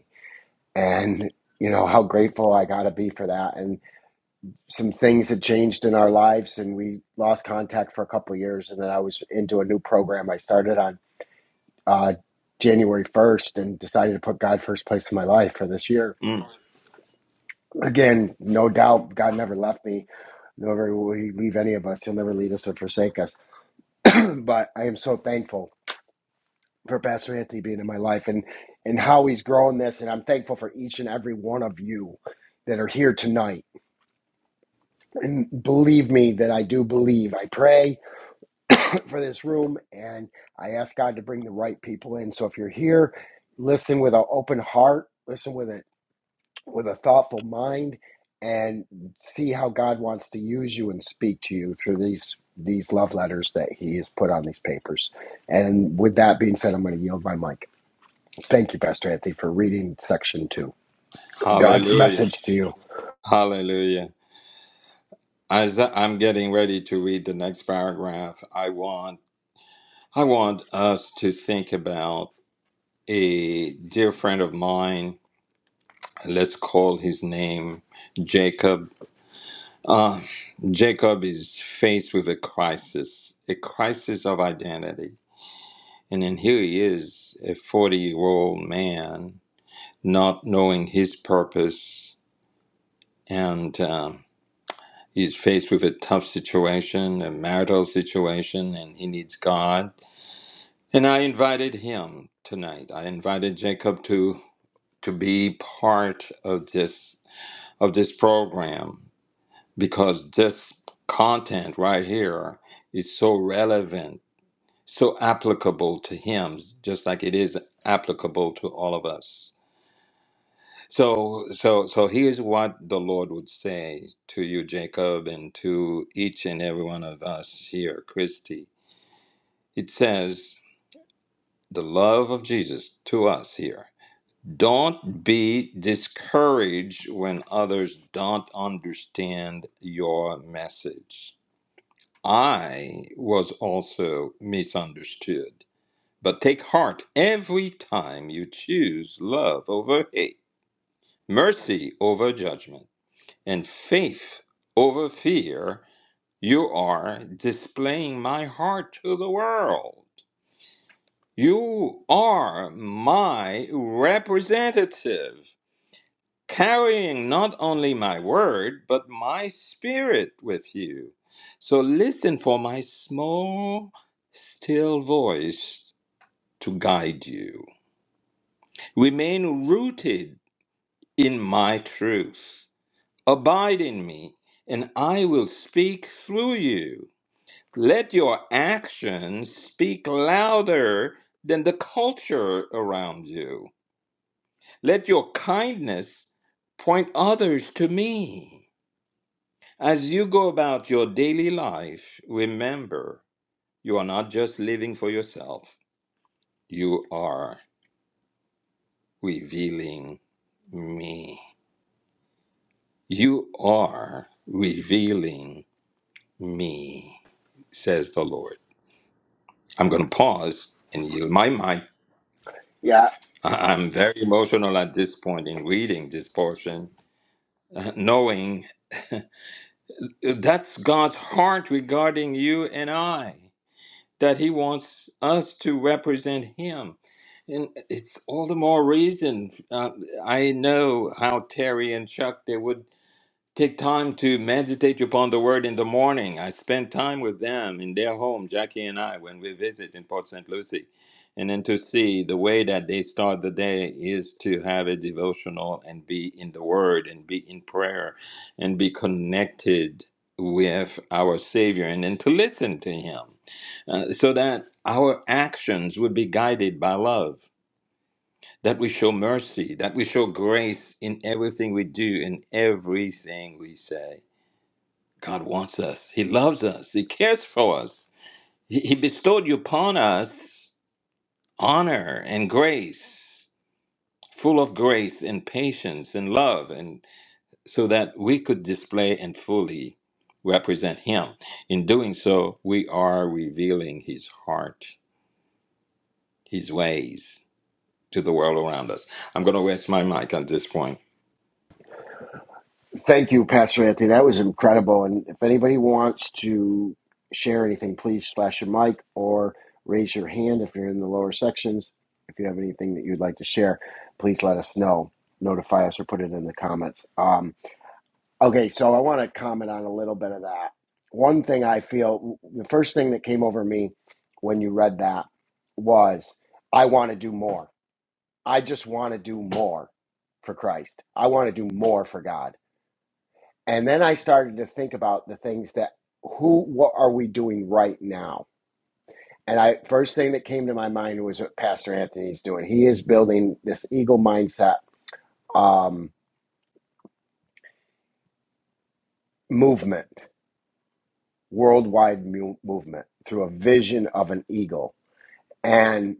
And you know how grateful I got to be for that. And some things had changed in our lives, and we lost contact for a couple of years. And then I was into a new program I started on uh, January 1st and decided to put God first place in my life for this year. Mm. Again, no doubt God never left me, never will He leave any of us. He'll never lead us or forsake us. but I am so thankful for Pastor Anthony being in my life and, and how he's grown this. And I'm thankful for each and every one of you that are here tonight. And believe me that I do believe. I pray for this room and I ask God to bring the right people in. So if you're here, listen with an open heart, listen with an with a thoughtful mind and see how God wants to use you and speak to you through these these love letters that he has put on these papers. And with that being said, I'm going to yield my mic. Thank you, Pastor Anthony, for reading section two. God's Hallelujah. message to you. Hallelujah. As the- I'm getting ready to read the next paragraph, I want I want us to think about a dear friend of mine let's call his name Jacob. Uh, Jacob is faced with a crisis, a crisis of identity. And then here he is, a 40 year old man, not knowing his purpose. And um, he's faced with a tough situation, a marital situation, and he needs God. And I invited him tonight. I invited Jacob to, to be part of this, of this program because this content right here is so relevant, so applicable to him, just like it is applicable to all of us. So, so, so here's what the Lord would say to you, Jacob, and to each and every one of us here, Christy. It says, the love of Jesus to us here. Don't be discouraged when others don't understand your message I was also misunderstood. But take heart every time you choose love over hate, mercy over judgment, and faith over fear. You are displaying my heart to the world. You are my representative. carrying not only my word, but my spirit with you. So listen for my small, still voice to guide you. Remain rooted in my truth. Abide in me, and I will speak through you. Let your actions speak louder than the culture around you. Let your kindness point others to me. As you go about your daily life, remember you are not just living for yourself, you are revealing me. You are revealing me, says the Lord. I'm going to pause and yield my mic. Yeah, I- I'm very emotional at this point in reading this portion, knowing that's God's heart regarding you and I. that he wants us to represent him. And it's all the more reason. Uh, I know how Terry and Chuck they would Take time to meditate upon the word in the morning. I spend time with them in their home, Jackie and I, when we visit in Port St. Lucie. And then to see the way that they start the day is to have a devotional and be in the word and be in prayer and be connected with our Savior and then to listen to Him uh, so that our actions would be guided by love that we show mercy, that we show grace in everything we do, in everything we say. God wants us. He loves us. He cares for us. He, he bestowed upon us honor and grace, full of grace and patience and love, and so that we could display and fully represent Him. In doing so, we are revealing His heart, His ways to the world around us. I'm going to rest my mic at this point. Thank you, Pastor Anthony. That was incredible. And if anybody wants to share anything, please flash your mic or raise your hand if you're in the lower sections. If you have anything that you'd like to share, please let us know, notify us, or put it in the comments. Um, okay, so I want to comment on a little bit of that. One thing I feel, the first thing that came over me when you read that was, I want to do more. I just want to do more for Christ. I want to do more for God. And then I started to think about the things that who what are we doing right now? And I first thing that came to my mind was what Pastor Anthony's doing. He is building this eagle mindset um, movement, worldwide mu- movement through a vision of an eagle. And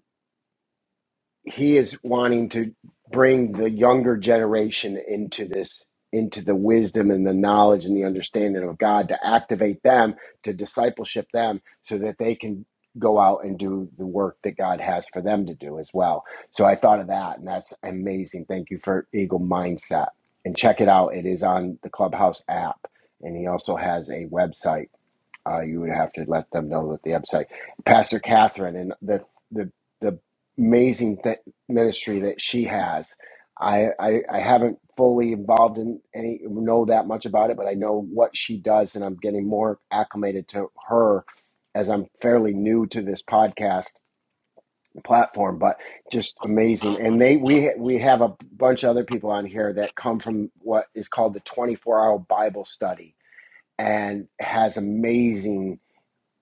he is wanting to bring the younger generation into this into the wisdom and the knowledge and the understanding of God to activate them to discipleship them so that they can go out and do the work that God has for them to do as well. So I thought of that and that's amazing. Thank you for Eagle Mindset. And check it out. It is on the Clubhouse app and he also has a website. Uh, you would have to let them know that the website. Pastor Catherine and the the the amazing th- ministry that she has. I, I I haven't fully involved in any know that much about it, but I know what she does, and I'm getting more acclimated to her as I'm fairly new to this podcast platform. But just amazing, and they we we have a bunch of other people on here that come from what is called the 24 hour Bible study, and has amazing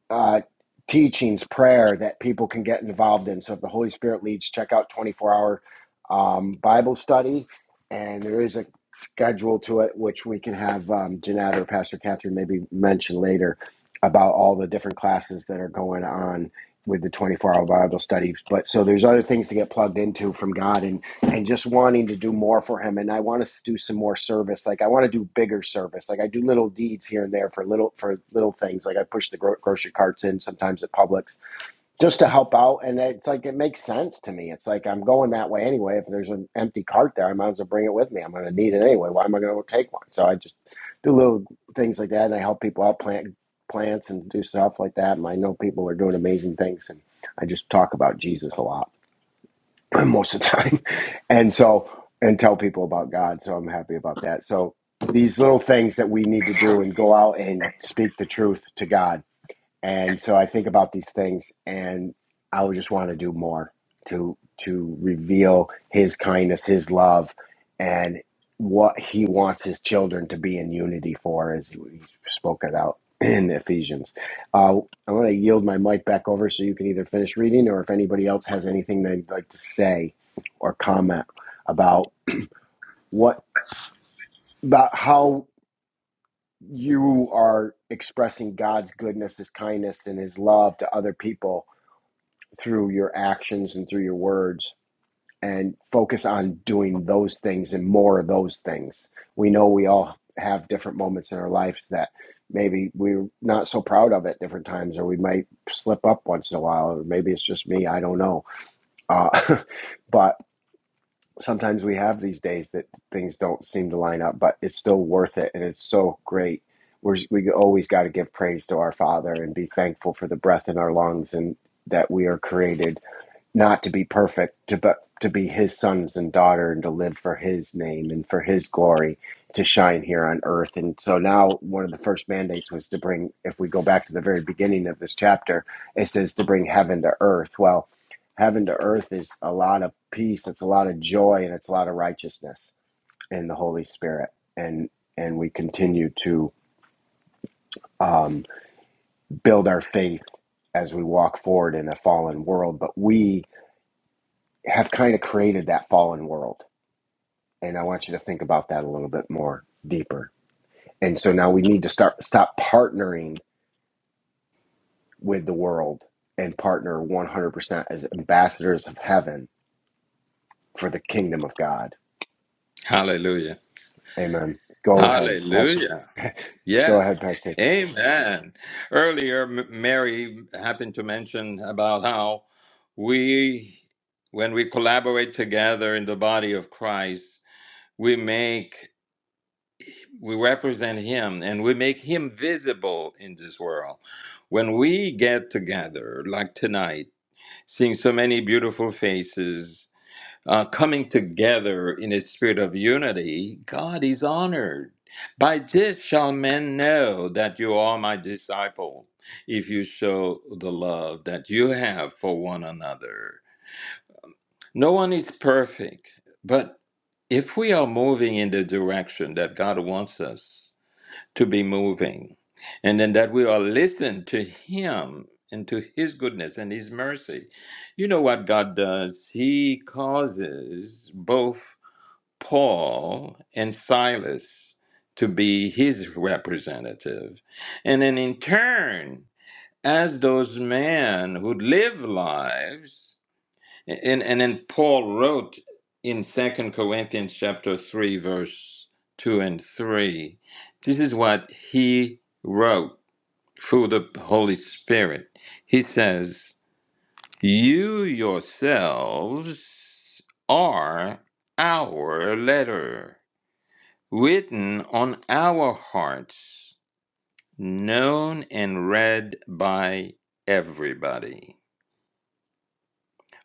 uh, teachings, prayer that people can get involved in. So if the Holy Spirit leads, check out 24 hour um, Bible study. And there is a schedule to it, which we can have um, Jeanette or Pastor Catherine maybe mention later about all the different classes that are going on with the 24 hour Bible studies. But so there's other things to get plugged into from God. And and just wanting to do more for him and i want to do some more service like i want to do bigger service like i do little deeds here and there for little for little things like i push the gro- grocery carts in sometimes at publix just to help out and it's like it makes sense to me it's like i'm going that way anyway if there's an empty cart there i might as well bring it with me i'm going to need it anyway why am i going to go take one so i just do little things like that and i help people out plant plants and do stuff like that and i know people are doing amazing things and i just talk about jesus a lot most of the time and so and tell people about god so i'm happy about that so these little things that we need to do and go out and speak the truth to god and so I think about these things, and I would just want to do more to to reveal His kindness, His love, and what He wants His children to be in unity for, as we spoke about in Ephesians. Uh, I'm going to yield my mic back over so you can either finish reading, or if anybody else has anything they'd like to say or comment about what about how you are expressing God's goodness, His kindness, and His love to other people through your actions and through your words and focus on doing those things and more of those things. We know we all have different moments in our lives that maybe we're not so proud of at different times, or we might slip up once in a while, or maybe it's just me, I don't know. Uh, but sometimes we have these days that things don't seem to line up, but it's still worth it, and it's so great. We're, we always got to give praise to our Father and be thankful for the breath in our lungs and that we are created not to be perfect, to but to be his sons and daughter and to live for his name and for his glory to shine here on earth. And so now one of the first mandates was to bring if we go back to the very beginning of this chapter, it says to bring heaven to earth. Well, heaven to earth is a lot of peace, it's a lot of joy and it's a lot of righteousness in the Holy Spirit. And and we continue to um, build our faith as we walk forward in a fallen world, but we have kind of created that fallen world. And I want you to think about that a little bit more deeper. And so now we need to start stop partnering with the world and partner 100% as ambassadors of heaven for the kingdom of God. Hallelujah. Amen. Go ahead, Pastor. Hallelujah. Go ahead, Yes. Pastor. Amen. Earlier, M- Mary happened to mention about how we, when we collaborate together in the body of Christ, we make, we represent Him and we make Him visible in this world. When we get together, like tonight, seeing so many beautiful faces, uh, coming together in a spirit of unity, God is honored. By this shall men know that you are my disciple, if you show the love that you have for one another. No one is perfect, but if we are moving in the direction that God wants us to be moving, and then that we are listening to Him and to His goodness and His mercy, you know what God does? He causes both Paul and Silas to be his representative. And then in turn, as those men who live lives, and, and then Paul wrote in Second Corinthians chapter 3, verse 2 and 3, this is what he wrote through the Holy Spirit. He says, You yourselves are our letter written on our hearts, known and read by everybody.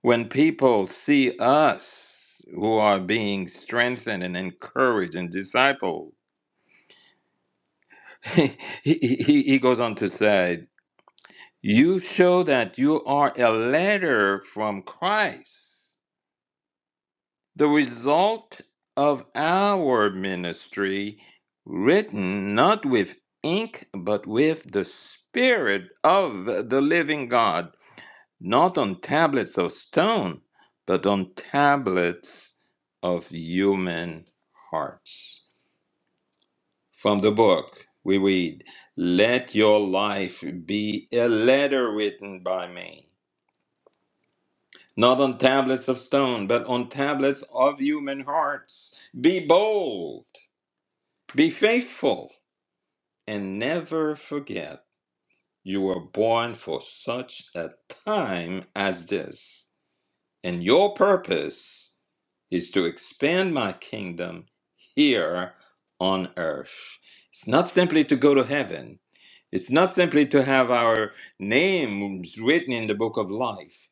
When people see us who are being strengthened and encouraged and discipled, he, he, he goes on to say, You show that you are a letter from Christ the result of our ministry, written not with ink, but with the Spirit of the living God, not on tablets of stone, but on tablets of human hearts. From the book, we read, Let your life be a letter written by me. Not on tablets of stone, but on tablets of human hearts. Be bold Be faithful and never forget you were born for such a time as this, and your purpose is to expand my kingdom here on earth. It's not simply to go to heaven, it's not simply to have our names written in the book of life.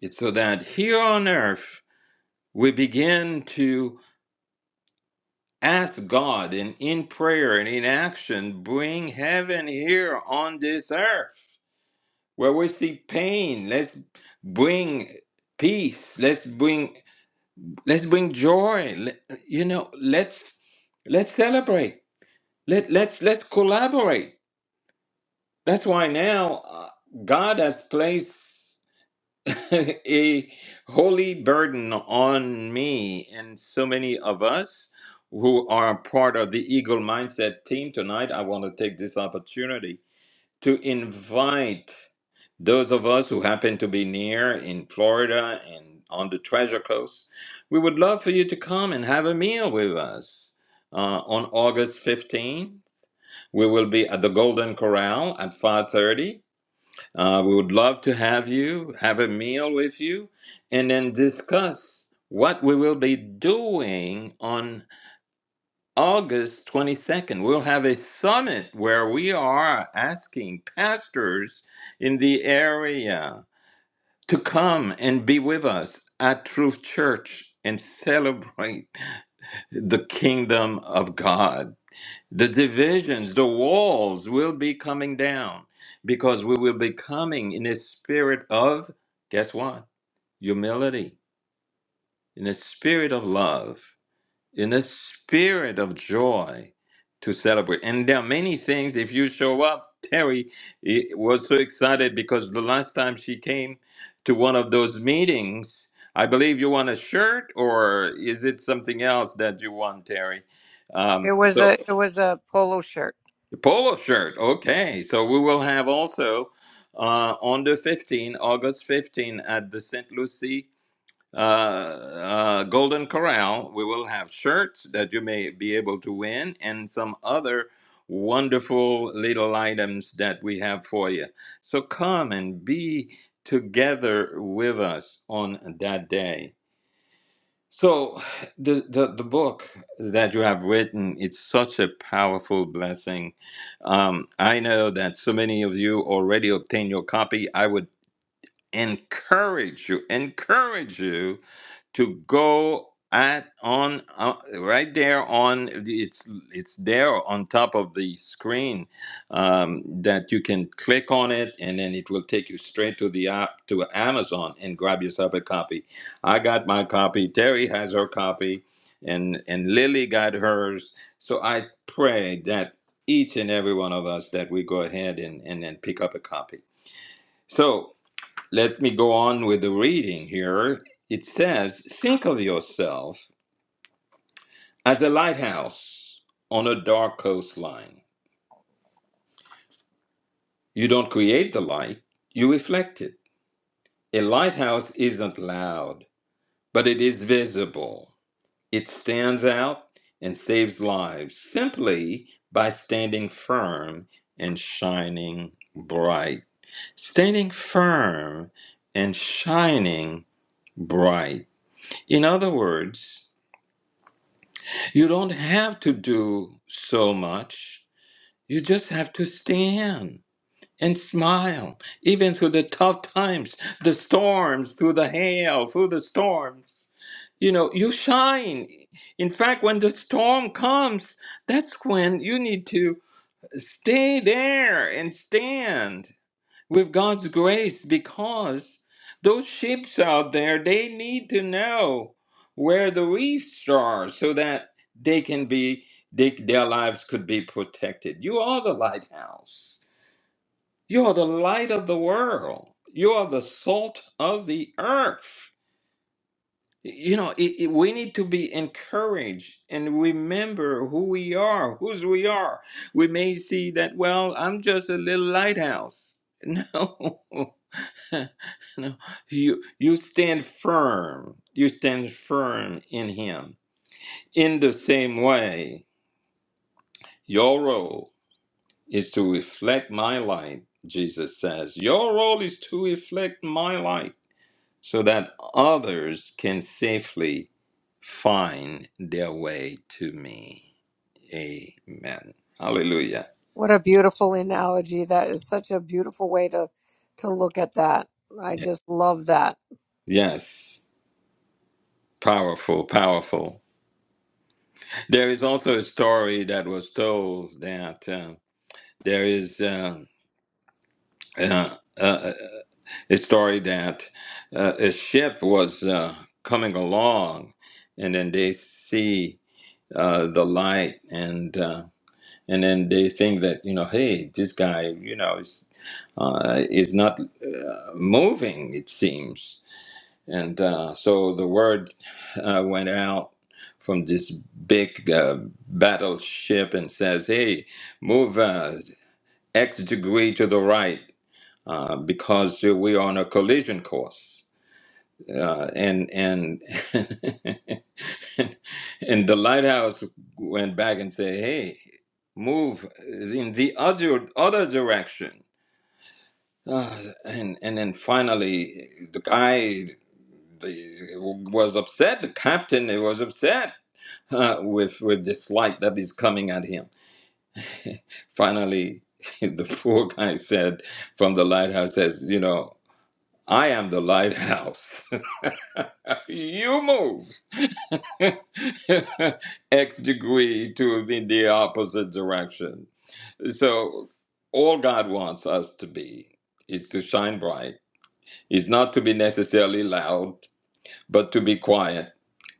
It's so that here on earth we begin to ask God and in prayer and in action bring heaven here on this earth where we see pain let's bring peace let's bring let's bring joy Let- you know let's let's celebrate Let, let's let's collaborate that's why now uh, God has placed a holy burden on me and so many of us who are part of the Eagle Mindset team tonight. I want to take this opportunity to invite those of us who happen to be near in Florida and on the Treasure Coast. We would love for you to come and have a meal with us uh, on August 15th. We will be at the Golden Corral at 5:30 uh, we would love to have you, have a meal with you, and then discuss what we will be doing on August 22nd. We'll have a summit where we are asking pastors in the area to come and be with us at Truth Church and celebrate the kingdom of God. The divisions, the walls will be coming down because we will be coming in a spirit of, guess what? Humility, in a spirit of love, in a spirit of joy to celebrate. And there are many things, if you show up, Terry eh, was so excited because the last time she came to one of those meetings, I believe you want a shirt, or is it something else that you want, Terry? It Um, was so a it was a polo shirt. Polo shirt. Okay. So we will have also uh, on the fifteenth, August fifteenth, at the St. Lucie uh, uh, Golden Corral, we will have shirts that you may be able to win and some other wonderful little items that we have for you. So come and be together with us on that day. So the, the the book that you have written, it's such a powerful blessing. Um, I know that so many of you already obtained your copy. I would encourage you, encourage you to go at on uh, right there on it's it's there on top of the screen um, that you can click on it and then it will take you straight to the app to Amazon and grab yourself a copy. I got my copy. Terry has her copy, and and Lily got hers. So I pray that each and every one of us that we go ahead and and then pick up a copy. So. Let me go on with the reading here. It says, Think of yourself as a lighthouse on a dark coastline. You don't create the light, you reflect it. A lighthouse isn't loud, but it is visible. It stands out and saves lives simply by standing firm and shining bright. Standing firm and shining bright. In other words, You don't have to do so much. You just have to stand and smile, even through the tough times, the storms, through the hail, through the storms. You know, you shine. In fact, when the storm comes, that's when you need to stay there and stand with God's grace because those sheep out there, they need to know where the reefs are so that they can be, they, their lives could be protected. You are the lighthouse. You are the light of the world. You are the salt of the earth. You know, it, it- we need to be encouraged and remember who we are, whose we are. We may see that, well, I'm just a little lighthouse. No. no, you you stand firm. You stand firm in Him. In the same way, your role is to reflect my light. Jesus says, your role is to reflect my light, so that others can safely find their way to me. Amen. Hallelujah. What a beautiful analogy. That is such a beautiful way to to look at that. I just love that. Yes, powerful, powerful. There is also a story that was told that. uh, There is um, uh, uh, uh, a story that uh, a ship was uh, coming along, and then they see uh, the light, and uh, and then they think that you know, hey, this guy, you know, is uh, is not uh, moving. It seems, and uh, so the word uh, went out from this big uh, battleship and says, hey, move uh, X degree to the right uh, because we're on a collision course. Uh, and and and the lighthouse went back and said, "Hey, move in the other other direction." Uh, and and then finally, the guy the, was upset. The captain was upset uh, with with this light that is coming at him. Finally, the poor guy said from the lighthouse says, "You know, I am the lighthouse." you move. X degree to the, the opposite direction. So, all God wants us to be is to shine bright, is not to be necessarily loud, but to be quiet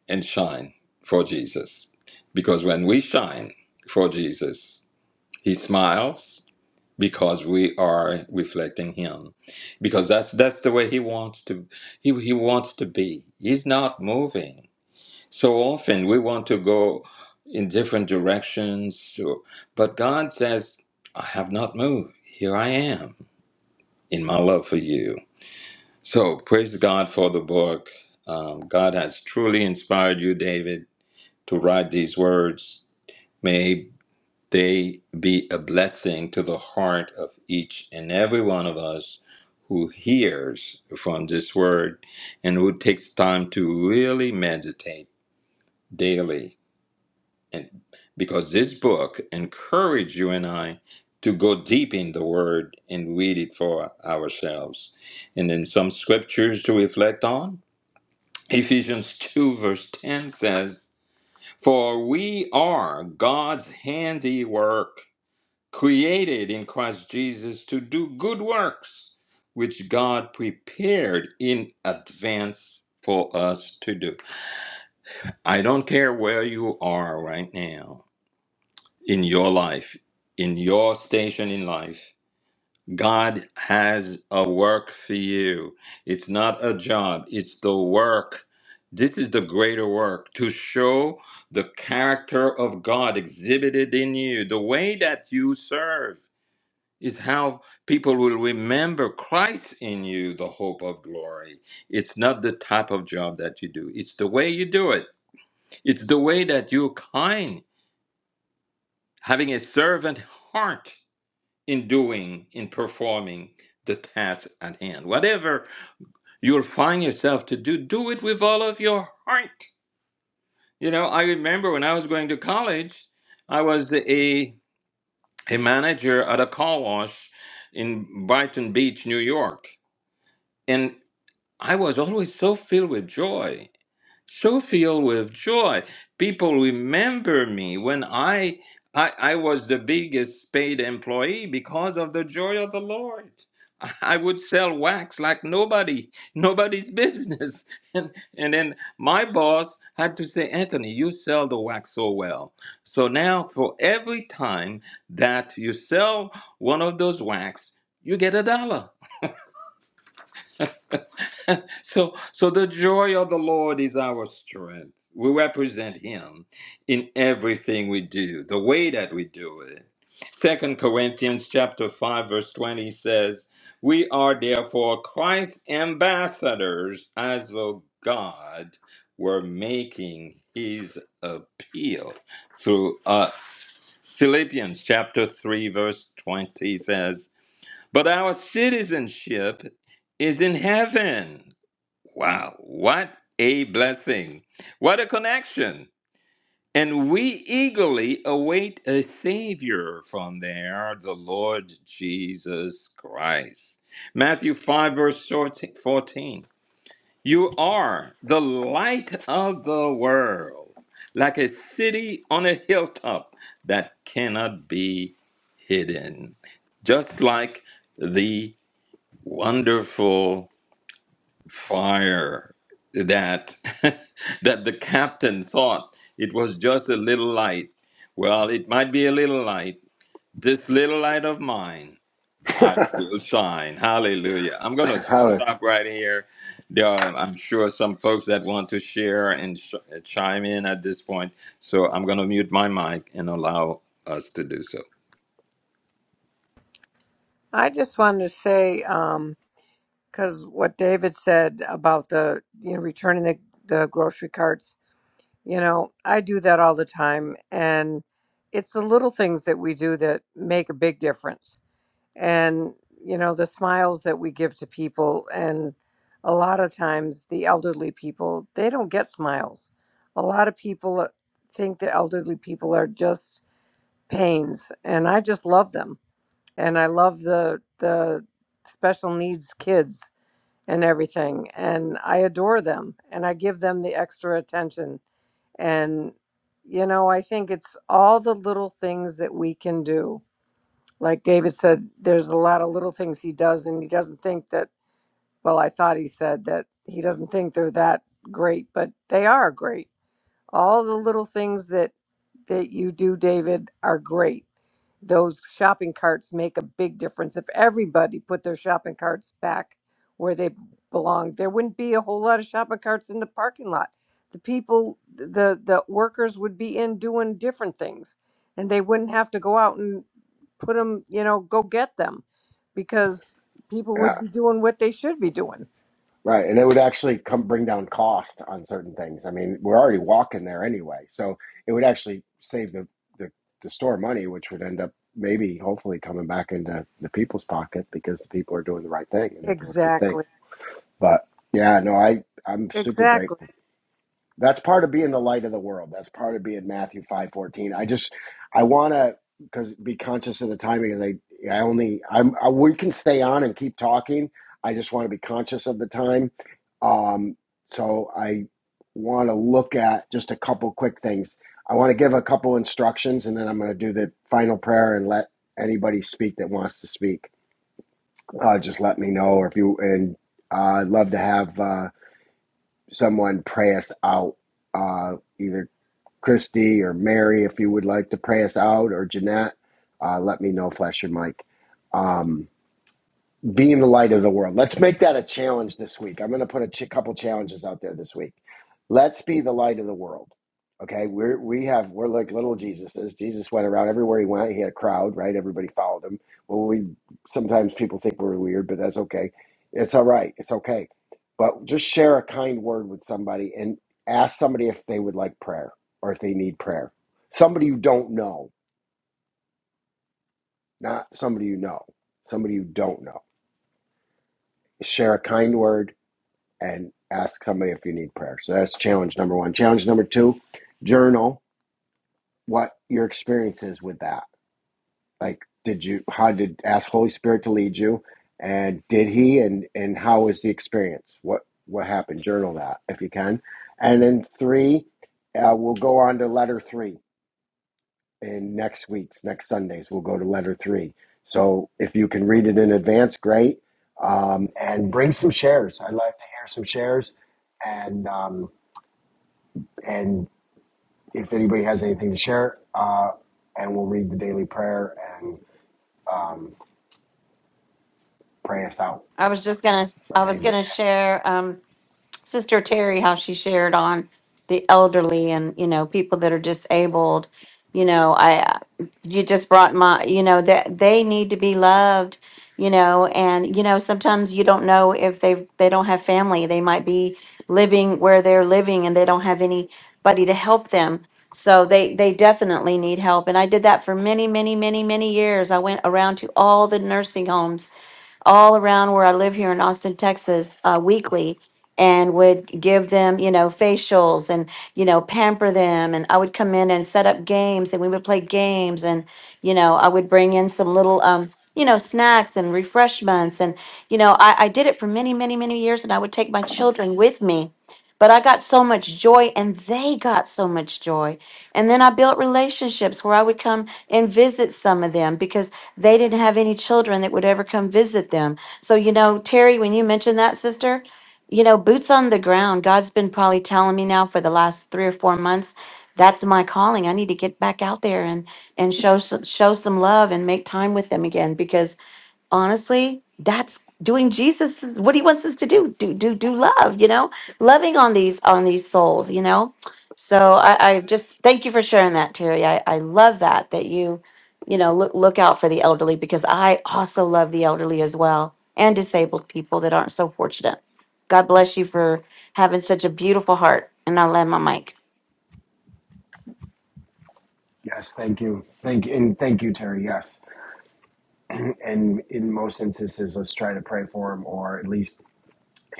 and shine for Jesus. Because when we shine for Jesus, He smiles because we are reflecting Him. Because that's that's the way He wants to. He, he wants to be. He's not moving. So often we want to go in different directions, so- but God says, I have not moved. Here I am in my love for you. So praise God for the book. Um, God has truly inspired you, David, to write these words. May they be a blessing to the heart of each and every one of us who hears from this word and who takes time to really meditate daily and because this book encouraged you and I to go deep in the Word and read it for ourselves. And then some scriptures to reflect on. Ephesians 2, verse 10 says, For we are God's handiwork, created in Christ Jesus to do good works, which God prepared in advance for us to do. I don't care where you are right now in your life, in your station in life. God has a work for you. It's not a job, it's the work. This is the greater work to show the character of God exhibited in you. The way that you serve is how people will remember Christ in you, the hope of glory. It's not the type of job that you do, it's the way you do it, it's the way that you're kind, having a servant heart in doing, in performing the task at hand. Whatever you'll find yourself to do, do it with all of your heart. You know, I remember when I was going to college, I was a, a manager at a car wash in Brighton Beach, New York. And I was always so filled with joy so filled with joy. People remember me when I, I I was the biggest paid employee because of the joy of the Lord. I would sell wax like nobody, nobody's business. And and then my boss had to say, Anthony, you sell the wax so well. So now for every time that you sell one of those wax, you get a dollar. So, so the joy of the Lord is our strength. We represent Him in everything we do, the way that we do it. Second Corinthians chapter five verse twenty says, "We are therefore Christ's ambassadors, as though God were making His appeal through us." Philippians chapter three verse twenty says, "But our citizenship is in heaven." Wow, what a blessing. What a connection. And we eagerly await a Savior from there, the Lord Jesus Christ. Matthew 5, verse 14. You are the light of the world, like a city on a hilltop that cannot be hidden. Just like the wonderful fire that that the captain thought it was just a little light. Well, it might be a little light. This little light of mine, I will shine. Hallelujah. I'm going to Hallelujah. stop right here. There are, I'm sure, some folks that want to share and sh- uh, chime in at this point. So I'm going to mute my mic and allow us to do so. I just wanted to say um cuz what David said about the you know returning the the grocery carts, you know, I do that all the time and it's the little things that we do that make a big difference and you know the smiles that we give to people and a lot of times the elderly people they don't get smiles a lot of people uh, think that elderly people are just pains and i just love them and i love the the special needs kids and everything and i adore them and i give them the extra attention and you know i think it's all the little things that we can do like David said, there's a lot of little things he does, and he doesn't think that. Well, I thought he said that he doesn't think they're that great, but they are great all the little things that that you do david are great those shopping carts make a big difference if everybody put their shopping carts back where they belong there wouldn't be a whole lot of shopping carts in the parking lot the people the the workers would be in doing different things and they wouldn't have to go out and put them you know go get them because people would be doing what they should be doing Right, and it would actually come bring down cost on certain things. I mean, we're already walking there anyway, so it would actually save the, the the store money, which would end up maybe, hopefully, coming back into the people's pocket because the people are doing the right thing and they're doing good things. exactly But yeah, no, I I'm super exactly grateful that's part of being the light of the world. That's part of being Matthew five fourteen. I just I want to because be conscious of the timing. Because I I only I'm I, we can stay on and keep talking. I just want to be conscious of the time. Um, so I want to look at just a couple quick things. I want to give a couple instructions, and then I'm going to do the final prayer and let anybody speak that wants to speak. Uh, just let me know, or if you and uh, I'd love to have uh, someone pray us out. Uh, either Christy or Mary, if you would like to pray us out, or Jeanette, uh, let me know, flash your mic. Um, being the light of the world. Let's make that a challenge this week. I'm going to put a ch- couple challenges out there this week. Let's be the light of the world. Okay, we're we have we're like little Jesuses. Jesus went around everywhere he went. He had a crowd, right? Everybody followed him. Well, we sometimes people think we're weird, but that's okay. It's all right. It's okay. But just share a kind word with somebody and ask somebody if they would like prayer or if they need prayer. Somebody you don't know, not somebody you know. Somebody you don't know. Share a kind word and ask somebody if you need prayer. So that's challenge number one. Challenge number two, journal what your experience is with that. Like, did you, how did, ask Holy Spirit to lead you and did he, and, and how was the experience? What, what happened? Journal that if you can. And then three, uh, we'll go on to letter three in next week's, next Sundays, we'll go to letter three. So if you can read it in advance, great. Um, and bring some shares. I'd like to hear some shares and, um, And if anybody has anything to share, uh, and we'll read the daily prayer and um, pray us out. I was just gonna So I if was anybody, gonna share. Um, Sister Terry, how she shared on the elderly and you know people that are disabled. You know, I you just brought my you know that they need to be loved. You know, and you know sometimes you don't know if they they don't have family. They might be living where they're living and they don't have anybody to help them. So they they definitely need help. And I did that for many many many many years. I went around to all the nursing homes all around where I live here in Austin, Texas, uh, weekly and would give them, you know, facials and, you know, pamper them. And I would come in and set up games and we would play games. And, you know, I would bring in some little, um, you know, snacks and refreshments. And, you know, I, I did it for many, many, many years and I would take my children with me. But I got so much joy and they got so much joy. And then I built relationships where I would come and visit some of them because they didn't have any children that would ever come visit them. So, you know, Terry, when you mentioned that, sister, you know, boots on the ground. God's been probably telling me now for the last three or four months, that's my calling. I need to get back out there and and show some, show some love and make time with them again because honestly that's doing jesus what he wants us to do do do do love you know loving on these on these souls you know so i i just thank you for sharing that terry i i love that that you you know look look out for the elderly because i also love the elderly as well and disabled people that aren't so fortunate god bless you for having such a beautiful heart and i'll land my mic yes, thank you, thank and thank you, Terry. Yes, and in most instances, let's try to pray for him, or at least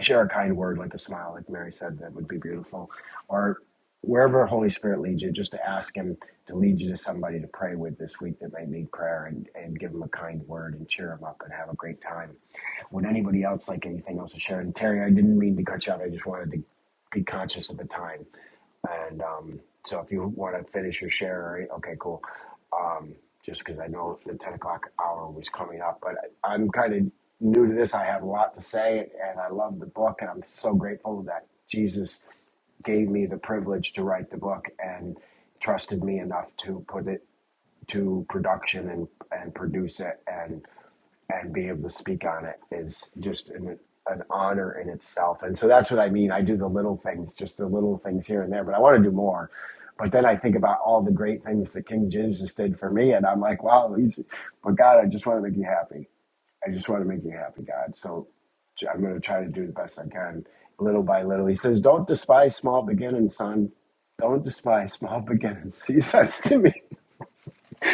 share a kind word like a smile like mary said that would be beautiful or wherever holy spirit leads you just to ask him to lead you to somebody to pray with this week that might need prayer and, and give them a kind word and cheer them up and have a great time would anybody else like anything else to share and terry i didn't mean to cut you out i just wanted to be conscious of the time and um, so if you want to finish your share, right, okay, cool um, just because I know the 10 o'clock hour was coming up. But I, I'm kind of new to this. I have a lot to say, and I love the book, and I'm so grateful that Jesus gave me the privilege to write the book and trusted me enough to put it to production and, and produce it. and and be able to speak on it is just an, an honor in itself. And so that's what I mean. I do the little things, just the little things here and there, but I want to do more. But then I think about all the great things that King Jesus did for me, and I'm like, wow, he's, but God, I just want to make you happy. I just want to make you happy, God. So i I'm going to try to do the best I can, little by little. He says, don't despise small beginnings, son. Don't despise small beginnings. He says to me,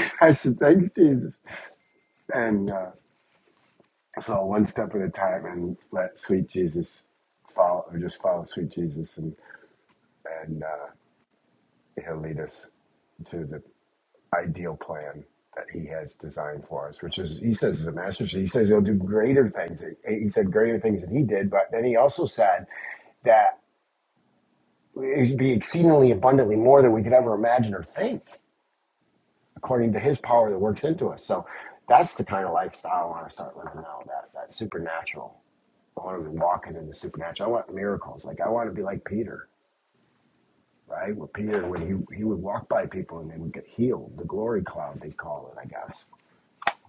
I said, thanks, Jesus. And uh, So one step at a time, and let sweet Jesus follow, or just follow sweet Jesus, and and uh, He'll lead us to the ideal plan that He has designed for us. Which is, He says, is a master. He says He'll do greater things. He said greater things than He did, but then He also said that it would be exceedingly abundantly more than we could ever imagine or think, according to His power that works into us. So that's the kind of lifestyle I want to start living now. That that supernatural. I want to be walking in the supernatural. I want miracles. Like I want to be like Peter, right? Where Peter, when he he would walk by people and they would get healed, the glory cloud they call it, I guess,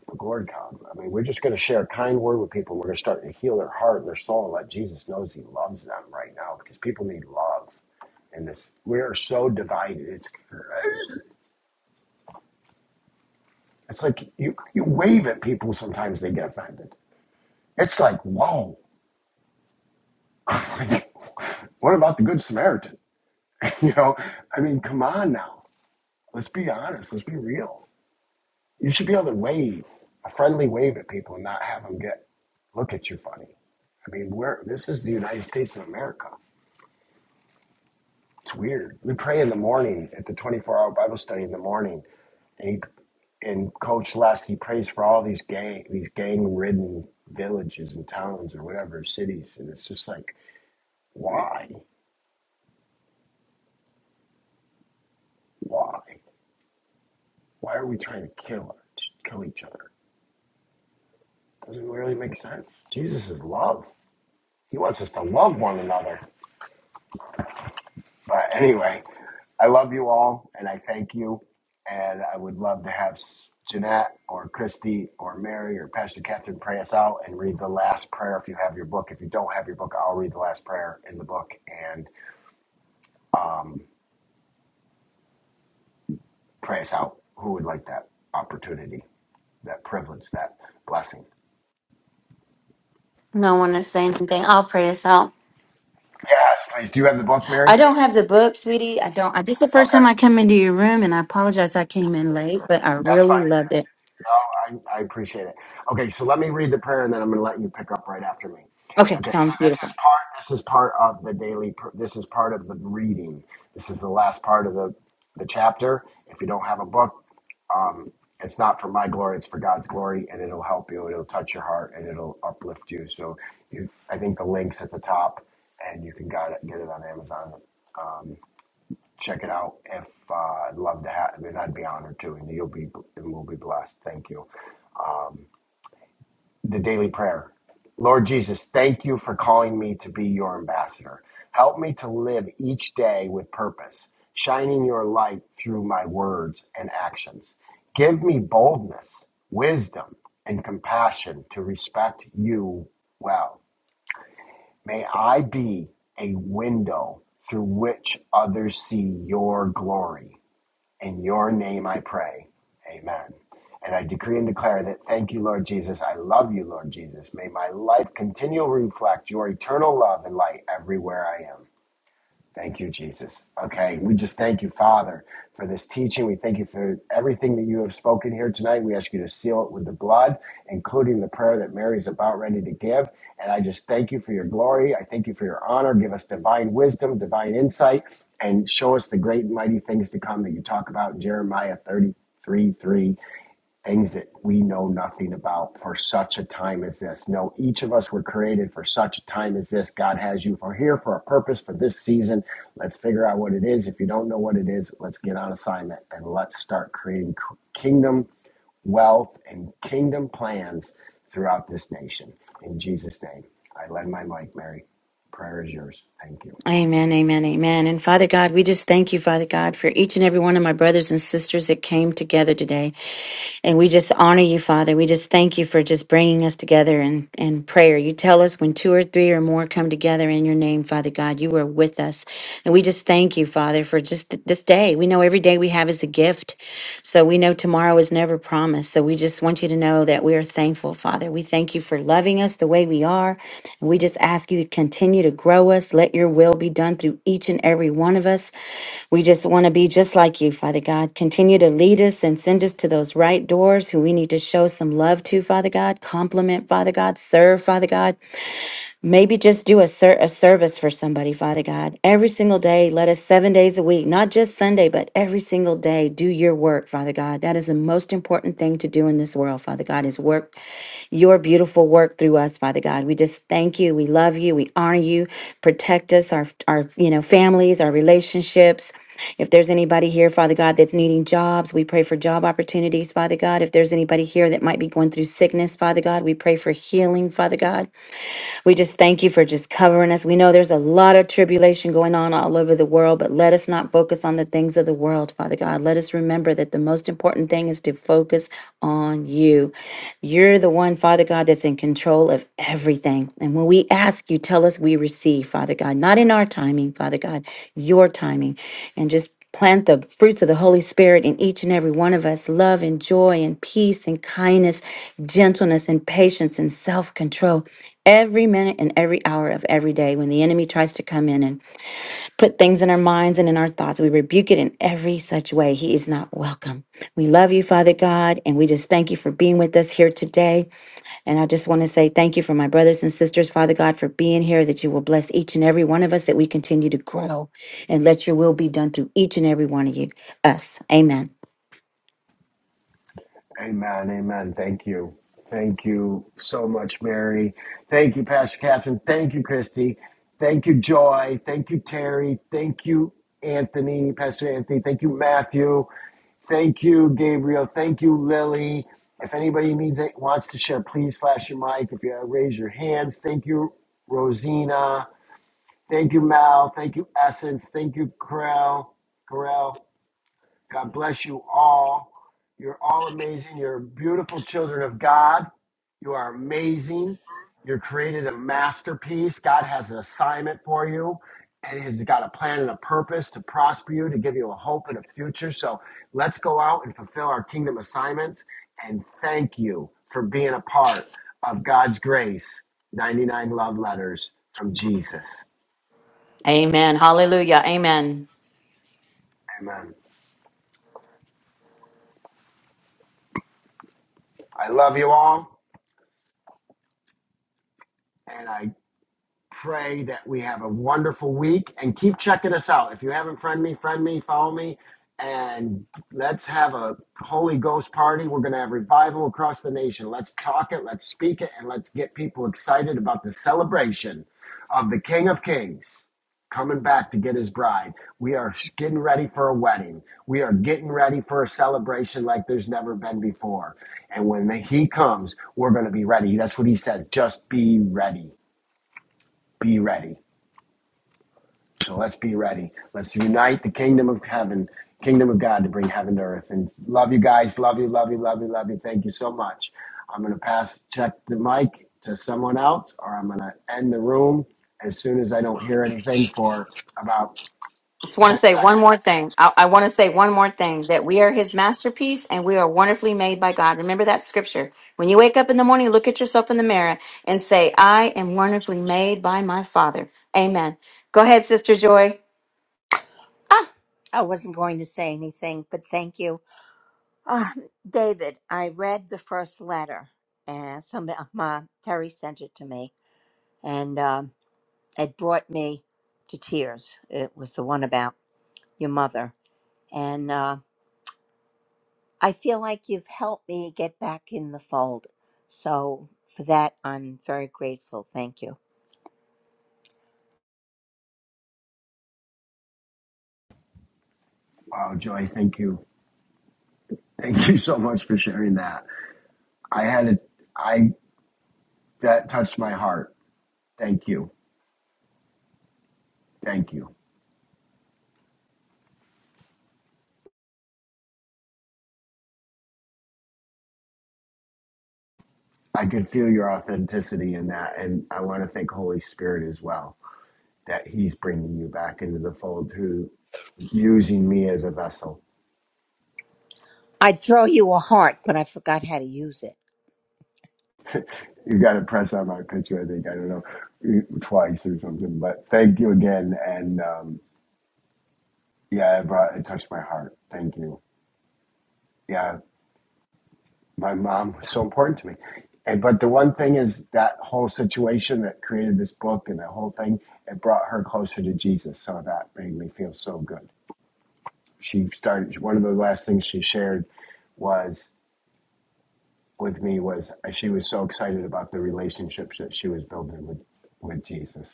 the glory cloud. I mean, we're just going to share a kind word with people. We're going to start to heal their heart and their soul and let Jesus knows He loves them right now because people need love. And this, we are so divided. It's it's like you you wave at people sometimes they get offended. It's like whoa, what about the Good Samaritan? You know, I mean, come on now Let's be honest. Let's be real. You should be able to wave a friendly wave at people and not have them get look at you funny. I mean, we're this is the United States of America. It's weird. We pray in the morning at the 24-hour Bible study in the morning, and he, and Coach Les he prays for all these gang these gang-ridden villages and towns or whatever cities, and it's just like why, why, why are we trying to kill kill each other? Doesn't really make sense. Jesus is love. He wants us to love one another. But anyway, I love you all and I thank you. And I would love to have S- Jeanette or Christy or Mary or Pastor Catherine pray us out and read the last prayer if you have your book. If you don't have your book, I'll read the last prayer in the book and um, pray us out. Who would like that opportunity, that privilege, that blessing? no one is saying anything i'll pray us out Yes, please. Do you have the book, Mary? I don't have the book, sweetie. I don't. I, this is the first Okay, time I come into your room, and I apologize I came in late, but I that's really fine. loved it. Oh, I, I appreciate it. Okay, so let me read the prayer, and then I'm going to let you pick up right after me. Okay, Okay, so sounds this is beautiful. part. This is part of the daily. pr- This is part of the reading. This is the last part of the the chapter. If you don't have a book, um, it's not for my glory. It's for God's glory, and it'll help you. It'll touch your heart, and it'll uplift you. So, you, I think the link's at the top, and you can got it, get it on Amazon. Check it out. If uh, I'd love to have, I mean, I'd be honored to, and you'll be, and we'll be blessed. Thank you. the daily prayer. Lord Jesus, thank you for calling me to be your ambassador. Help me to live each day with purpose, shining your light through my words and actions. Give me boldness, wisdom, and compassion to respect you well. May I be a window through which others see your glory. In your name I pray. Amen. And I decree and declare that thank you, Lord Jesus. I love you, Lord Jesus. May my life continually reflect your eternal love and light everywhere I am. Thank you, Jesus. Okay, we just thank you, Father, for this teaching. We thank you for everything that you have spoken here tonight. We ask you to seal it with the blood, including the prayer that Mary's about ready to give. And I just thank you for your glory. I thank you for your honor. Give us divine wisdom, divine insight, and show us the great and mighty things to come that you talk about in Jeremiah 33 3 things that we know nothing about for such a time as this. No, each of us were created for such a time as this. God has you for here for a purpose for this season. Let's figure out what it is. If you don't know what it is, let's get on assignment and let's start creating kingdom wealth and kingdom plans throughout this nation. In Jesus' name, I lend my mic, Mary. Prayer is yours. Thank you. Amen, amen, amen. And Father God, we just thank you, Father God, for each and every one of my brothers and sisters that came together today. And we just honor you, Father. We just thank you for just bringing us together in, in prayer. You tell us when two or three or more come together in your name, Father God, you are with us. And we just thank you, Father, for just th- this day. We know every day we have is a gift. So we know tomorrow is never promised. So we just want you to know that we are thankful, Father. We thank you for loving us the way we are. And we just ask you to continue to grow us. Let your will be done through each and every one of us. We just want to be just like you, Father God. Continue to lead us and send us to those right doors who we need to show some love to, Father God. Compliment, Father God. Serve, Father God. Maybe just do a, ser- a service for somebody, Father God. Every single day, let us seven days a week, not just Sunday, but every single day, do your work, Father God. That is the most important thing to do in this world, Father God, is work your beautiful work through us, Father God. We just thank you. We love you. We honor you. Protect us, our, our you know, families, our relationships. If there's anybody here, Father God, that's needing jobs, we pray for job opportunities, Father God. If there's anybody here that might be going through sickness, Father God, we pray for healing, Father God. We just thank you for just covering us. We know there's a lot of tribulation going on all over the world, but let us not focus on the things of the world, Father God. Let us remember that the most important thing is to focus on you. You're the one, Father God, that's in control of everything. And when we ask, you tell us we receive, Father God, not in our timing, Father God, your timing. And just Plant the fruits of the Holy Spirit in each and every one of us love and joy and peace and kindness, gentleness and patience and self control every minute and every hour of every day. When the enemy tries to come in and put things in our minds and in our thoughts, we rebuke it in every such way. He is not welcome. We love you, Father God, and we just thank you for being with us here today. And I just want to say thank you for my brothers and sisters, Father God, for being here, that you will bless each and every one of us, that we continue to grow and let your will be done through each and every one of you, us. Amen. Amen. Amen. Thank you. Thank you so much, Mary. Thank you, Pastor Catherine. Thank you, Christy. Thank you, Joy. Thank you, Terry. Thank you, Anthony, Pastor Anthony. Thank you, Matthew. Thank you, Gabriel. Thank you, Lily. If anybody needs it, wants to share, please flash your mic. If you uh, raise your hands, thank you, Rosina. Thank you, Mal. Thank you, Essence. Thank you, Corral. Corral. God bless you all. You're all amazing. You're beautiful children of God. You are amazing. You're created a masterpiece. God has an assignment for you, and He's got a plan and a purpose to prosper you, to give you a hope and a future. So let's go out and fulfill our kingdom assignments. And thank you for being a part of God's grace. 99 love letters from Jesus. Amen. Hallelujah. Amen. Amen. I love you all, and I pray that we have a wonderful week and keep checking us out. If you haven't friend me, friend me, follow me, and let's have a Holy Ghost party. We're going to have revival across the nation. Let's talk it, let's speak it, and let's get people excited about the celebration of the King of Kings coming back to get his bride. We are getting ready for a wedding. We are getting ready for a celebration like there's never been before. And when the, he comes, we're going to be ready. That's what he says. Just be ready. Be ready. So let's be ready. Let's unite the kingdom of heaven, kingdom of God to bring heaven to earth. And love you guys. Love you, love you, love you, love you. Thank you so much. I'm going to pass, check the mic to someone else, or I'm going to end the room as soon as I don't hear anything for about I just want to 10 say one more seconds. thing. I, I want to say one more thing that we are his masterpiece and we are wonderfully made by God. Remember that scripture. When you wake up in the morning, look at yourself in the mirror and say, I am wonderfully made by my Father. Amen. Go ahead, Sister Joy. I wasn't going to say anything, but thank you. Um, David, I read the first letter, and some my Terry sent it to me, and um, it brought me to tears. It was the one about your mother, and uh, I feel like you've helped me get back in the fold. So for that, I'm very grateful. Thank you. Wow, Joy, thank you. Thank you so much for sharing that. I had a, I, that touched my heart. Thank you. Thank you. I could feel your authenticity in that. And I want to thank Holy Spirit as well that he's bringing you back into the fold through using me as a vessel. I'd throw you a heart, but I forgot how to use it. You got to press on my picture, I think. I don't know, twice or something. But thank you again. And um, yeah, it, brought, it touched my heart. Thank you. Yeah, my mom was so important to me. And but the one thing is that whole situation that created this book and that whole thing, it brought her closer to Jesus. So that made me feel so good. She started. One of the last things she shared was with me was she was so excited about the relationships that she was building with with Jesus,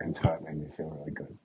and so it made me feel really good.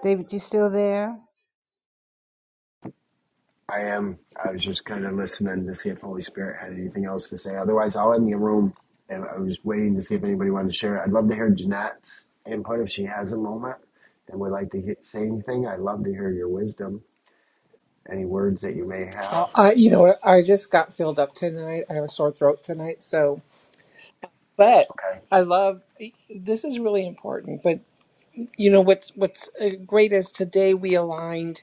David, you still there? I am. I was just kind of listening to see if Holy Spirit had anything else to say. Otherwise, I'll end the room. And I was waiting to see if anybody wanted to share. it. I'd love to hear Jeanette's input if she has a moment and would like to he- say anything. I'd love to hear your wisdom, any words that you may Oh, have. I, you know, I just got filled up tonight. I have a sore throat tonight, so. But Okay. I love this is really important. But you know what's what's uh, great is today we aligned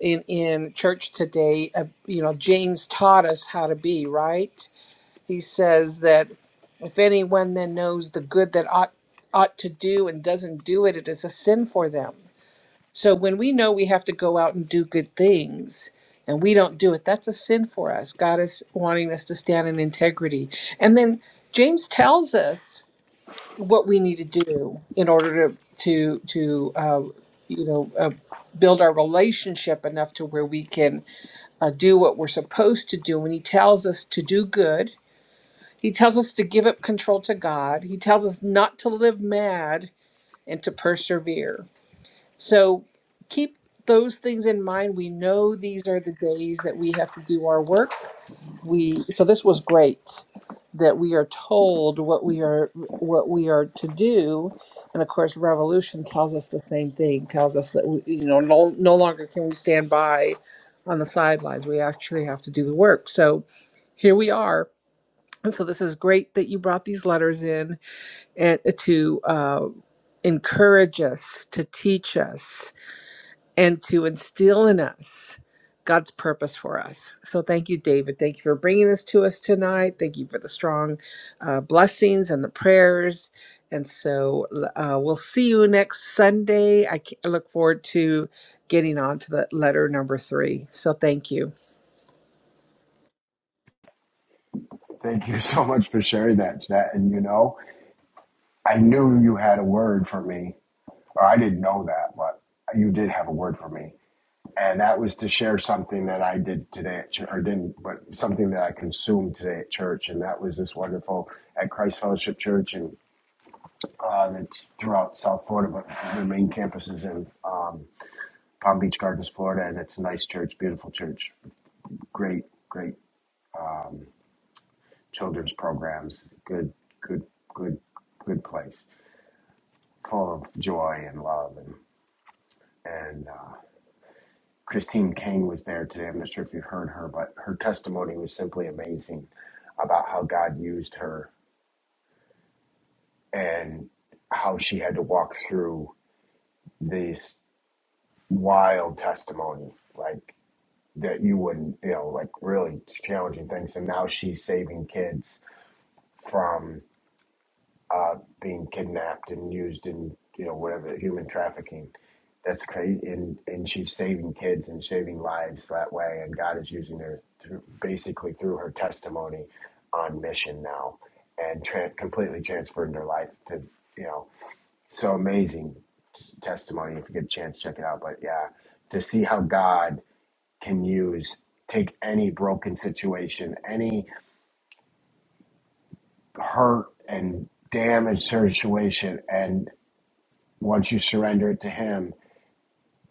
in in church today. Uh, you know, James taught us how to be right. He says that if anyone then knows the good that ought ought to do and doesn't do it, it is a sin for them. So when we know we have to go out and do good things and we don't do it, that's a sin for us. God is wanting us to stand in integrity. And then James tells us what we need to do in order to to to uh, you know uh, build our relationship enough to where we can uh, do what we're supposed to do. And he tells us to do good. He tells us to give up control to God. He tells us not to live mad and to persevere. So keep those things in mind. We know these are the days that we have to do our work. We so this was great that we are told what we are what we are to do and of course revolution tells us the same thing tells us that we, you know no, no longer can we stand by on the sidelines we actually have to do the work so here we are and so this is great that you brought these letters in and to uh, encourage us to teach us and to instill in us God's purpose for us. So thank you, David. Thank you for bringing this to us tonight. Thank you for the strong uh, blessings and the prayers. And so uh, we'll see you next Sunday. I, ca- I look forward to getting on to the letter number three. So thank you. Thank you so much for sharing that, Jeanette. And you know, I knew you had a word for me Well, I didn't know that, but you did have a word for me. And that was to share something that I did today at church, or didn't, but something that I consumed today at church. And that was this wonderful at Christ Fellowship Church and uh, that's throughout South Florida, but their main campus is in um, Palm Beach Gardens, Florida. And it's a nice church, beautiful church, great, great children's programs, good, good, good, good place, full of joy and love and, and uh, Christine Kang was there today. I'm not sure if you heard her, but her testimony was simply amazing about how God used her and how she had to walk through this wild testimony, like that you wouldn't, you know, like really challenging things. And now she's saving kids from. uh, being kidnapped and used in you know whatever human trafficking. That's crazy, and and she's saving kids and saving lives that way. And God is using her through, basically through her testimony on mission now, and tran completely transferring her life to you know so amazing testimony. If you get a chance, check it out. But yeah, to see how God can use take any broken situation, any hurt and damaged situation, and Once you surrender it to Him,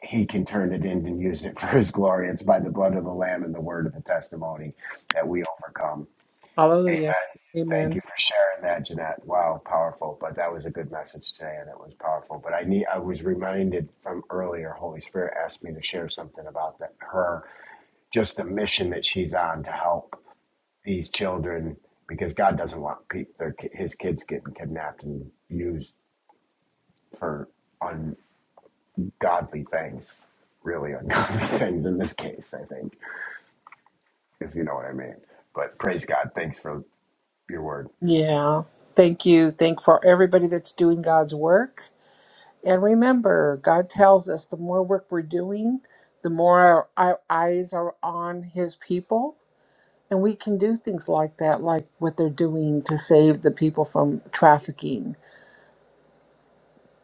He can turn it in and use it for His glory. It's by the blood of the Lamb and the word of the testimony that we overcome. Amen. Hallelujah. Thank Amen. you for sharing that, Jeanette. Wow, powerful. But that was a good message today, and it was powerful. But I need, I was reminded from earlier. Holy Spirit asked me to share something about that, her, just the mission that she's on to help these children, because God doesn't want peop their, ki- His kids getting kidnapped and used for godly things, really ungodly things in this case, I think, if you know what I mean. But praise God. Thanks for your word. Yeah. Thank you. Thank for everybody that's doing God's work And remember, God tells us the more work we're doing, the more our, our eyes are on His people. And we can do things like that, like what they're doing to save the people from trafficking.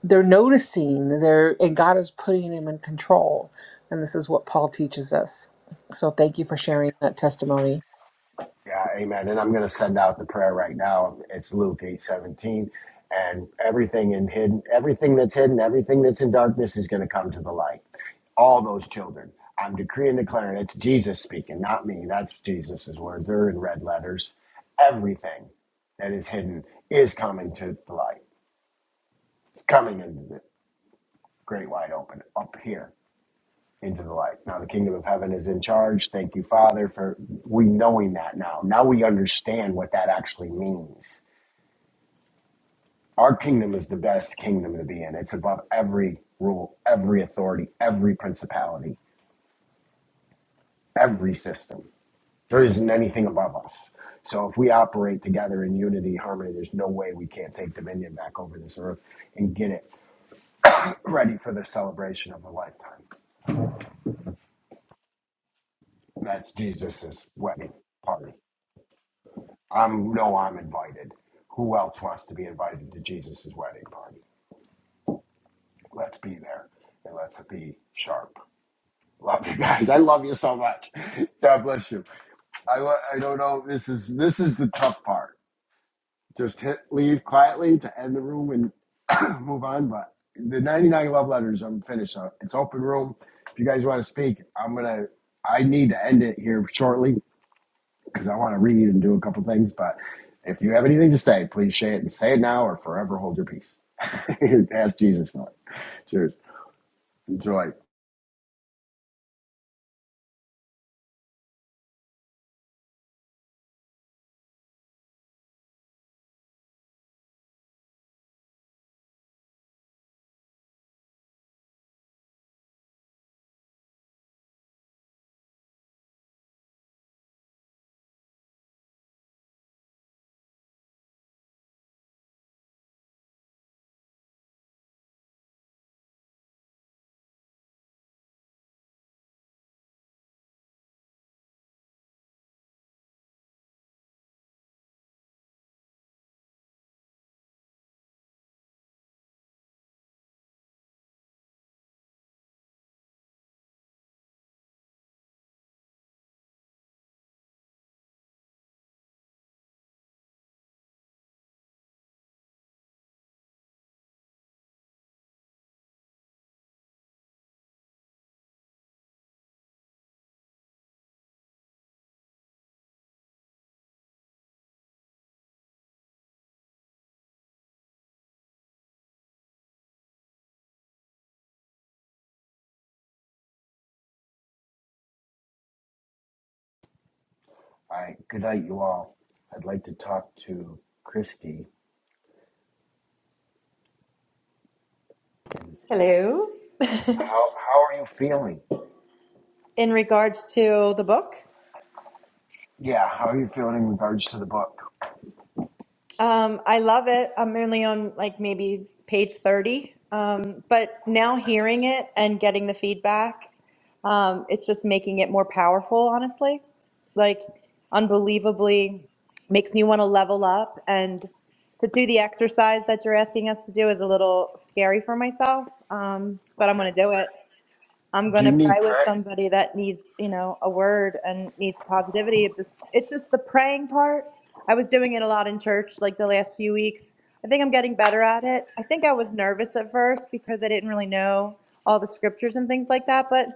They're noticing, they're, and God is putting them in control. And this is what Paul teaches us. So thank you for sharing that testimony. Yeah, amen. And I'm going to send out the prayer right now. It's Luke 8:17, And everything in hidden, everything that's hidden, everything that's in darkness is going to come to the light. All those children. I'm decreeing and declaring it's Jesus speaking, not me. That's Jesus's words. They're in red letters. Everything that is hidden is coming to the light. It's coming into the. great wide open up here into the light. Now the kingdom of heaven is in charge. Thank you, Father, for we knowing that now. Now we understand what that actually means. Our kingdom is the best kingdom to be in. It's above every rule, every authority, every principality, every system. There isn't anything above us. So if we operate together in unity, harmony, there's no way we can't take dominion back over this earth and get it ready for the celebration of a lifetime. That's Jesus's wedding party. I'm know I'm invited. Who else wants to be invited to Jesus' wedding party? Let's be there and let's be sharp. Love you guys. I love you so much. God bless you. I, wa- I don't know. This is this is the tough part. Just hit leave quietly to end the room and move on. But the 99 love letters, I'm finished. Uh, It's open room. If you guys want to speak, I'm gonna. I need to end it here shortly because I want to read and do a couple things. But if you have anything to say, please say it and say it now or forever hold your peace. Ask Jesus for it. Cheers. Enjoy. All right. Good night, you all. I'd like to talk to Christy. And how, how are you feeling? in regards to the book. Yeah. How are you feeling in regards to the book? Um, I love it. I'm only on like maybe page 30. Um, but now hearing it and getting the feedback, um, it's just making it more powerful, honestly. Like, unbelievably makes me want to level up. And to do the exercise that you're asking us to do is a little scary for myself, um, but I'm going Okay. to do it. I'm going Do you to pray need with prayer? somebody that needs, you know, a word and needs positivity. It just, it's just the praying part. I was doing it a lot in church like the last few weeks. I think I'm getting better at it. I think I was nervous at first because I didn't really know all the scriptures and things like that, but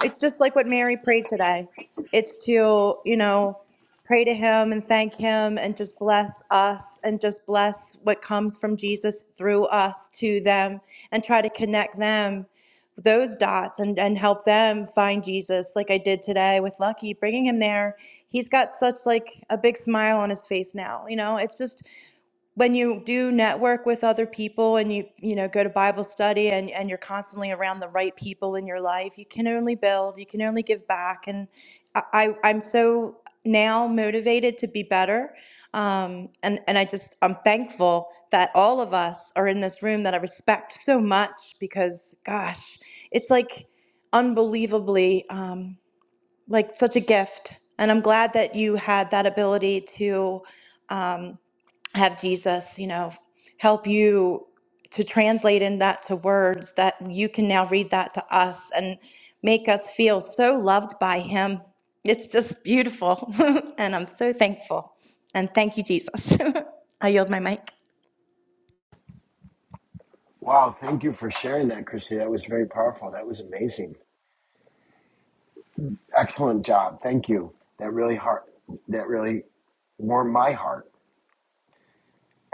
it's just like what Mary prayed today. It's to, you know, pray to him and thank him and just bless us and just bless what comes from Jesus through us to them and try to connect them those dots and, and help them find Jesus like I did today with Lucky, bringing him there. He's got such like a big smile on his face now. You know, it's just when you do network with other people and you you know go to bible study and and you're constantly around the right people in your life you can only build you can only give back and i, I i'm so now motivated to be better um and and i just i'm thankful that all of us are in this room that i respect so much because gosh it's like unbelievably um like such a gift and i'm glad that you had that ability to um, have Jesus, you know, help you to translate in that to words that you can now read that to us and make us feel so loved by him. It's just beautiful. and I'm so thankful. And thank you, Jesus. I yield my mic. Wow. Thank you for sharing that, Christy. That was very powerful. That was amazing. Excellent job. Thank you. That really heart, that really warmed my heart.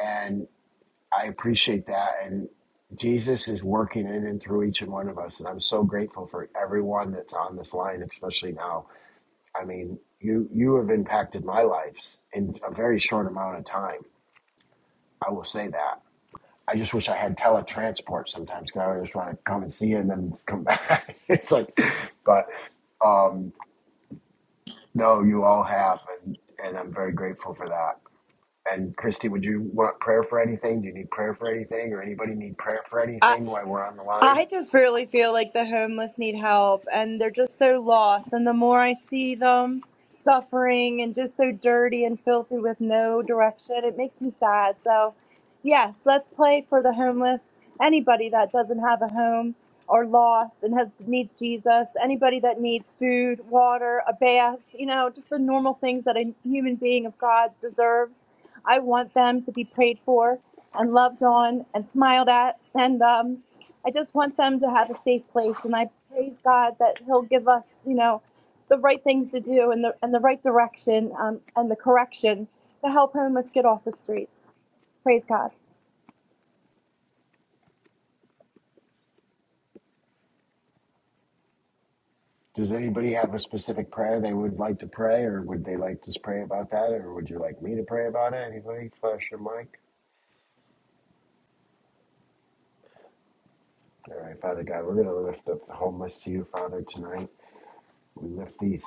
And I appreciate that. And Jesus is working in and through each and one of us. And I'm so grateful for everyone that's on this line, especially now. I mean, you you have impacted my lives in a very short amount of time. I will say that. I just wish I had teletransport sometimes because I just want to come and see you and then come back. it's like, but um, no, you all have, and, and I'm very grateful for that. And Christy, would you want prayer for anything? Do you need prayer for anything? Or anybody need prayer for anything while we're on the line? I just really feel like the homeless need help and they're just so lost. And the more I see them suffering and just so dirty and filthy with no direction, it makes me sad. So, yes, let's play for the homeless. Anybody that doesn't have a home or lost and has, needs Jesus, anybody that needs food, water, a bath, you know, just the normal things that a human being of God deserves. I want them to be prayed for and loved on and smiled at. And um, I just want them to have a safe place, and I praise God that He'll give us, you know, the right things to do and the and the right direction um, and the correction to help homeless get off the streets. Praise God. Does anybody have a specific prayer they would like to pray, or would they like to pray about that, or would you like me to pray about it? Anybody? Flash your mic. All right, Father God, we're going to lift up the homeless to you, Father, tonight. We lift these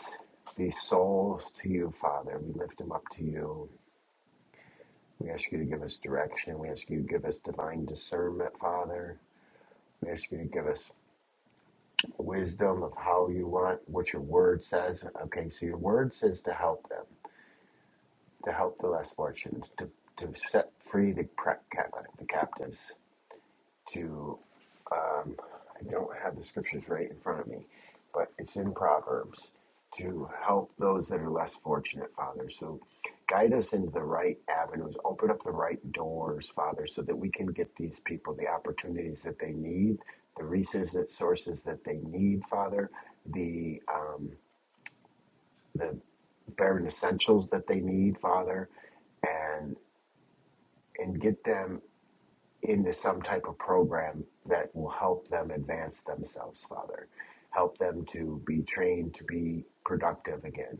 these souls to you, Father. We lift them up to you. We ask you to give us direction. We ask you to give us divine discernment, Father. We ask you to give us wisdom of how you want what your word says. Okay, so your word says to help them, to help the less fortunate, to to set free the, pra- ca- the captives, to um, I don't have the scriptures right in front of me, but it's in Proverbs to help those that are less fortunate, Father. So guide us into the right avenues, open up the right doors, Father, so that we can get these people the opportunities that they need, the resources that they need, Father, the um, the bare essentials that they need, Father, and and get them into some type of program that will help them advance themselves, Father. Help them to be trained to be productive again,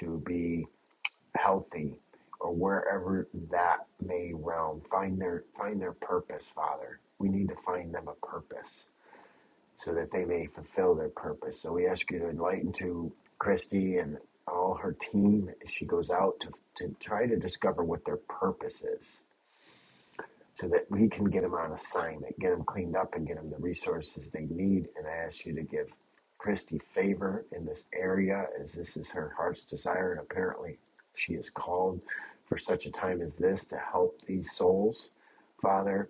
to be healthy, or wherever that may realm. Find their find their purpose, Father. We need to find them a purpose so that they may fulfill their purpose. So we ask you to enlighten to Christy and all her team as she goes out to, to try to discover what their purpose is so that we can get them on assignment, get them cleaned up, and get them the resources they need. And I ask you to give Christy favor in this area as this is her heart's desire. And apparently, she is called for such a time as this to help these souls, Father.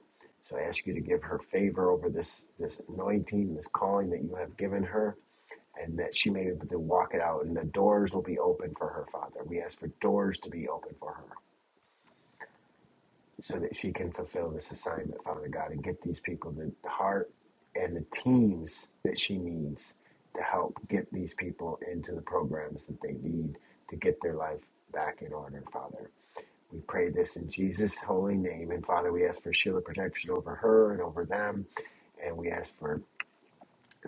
So I ask you to give her favor over this, this anointing, this calling that you have given her, and that she may be able to walk it out. And the doors will be open for her, Father. We ask for doors to be open for her, so that she can fulfill this assignment, Father God, and get these people the heart and the teams that she needs to help get these people into the programs that they need to get their life back in order, Father. We pray this in Jesus' holy name. And Father, we ask for shield Sheila protection over her and over them. And we ask for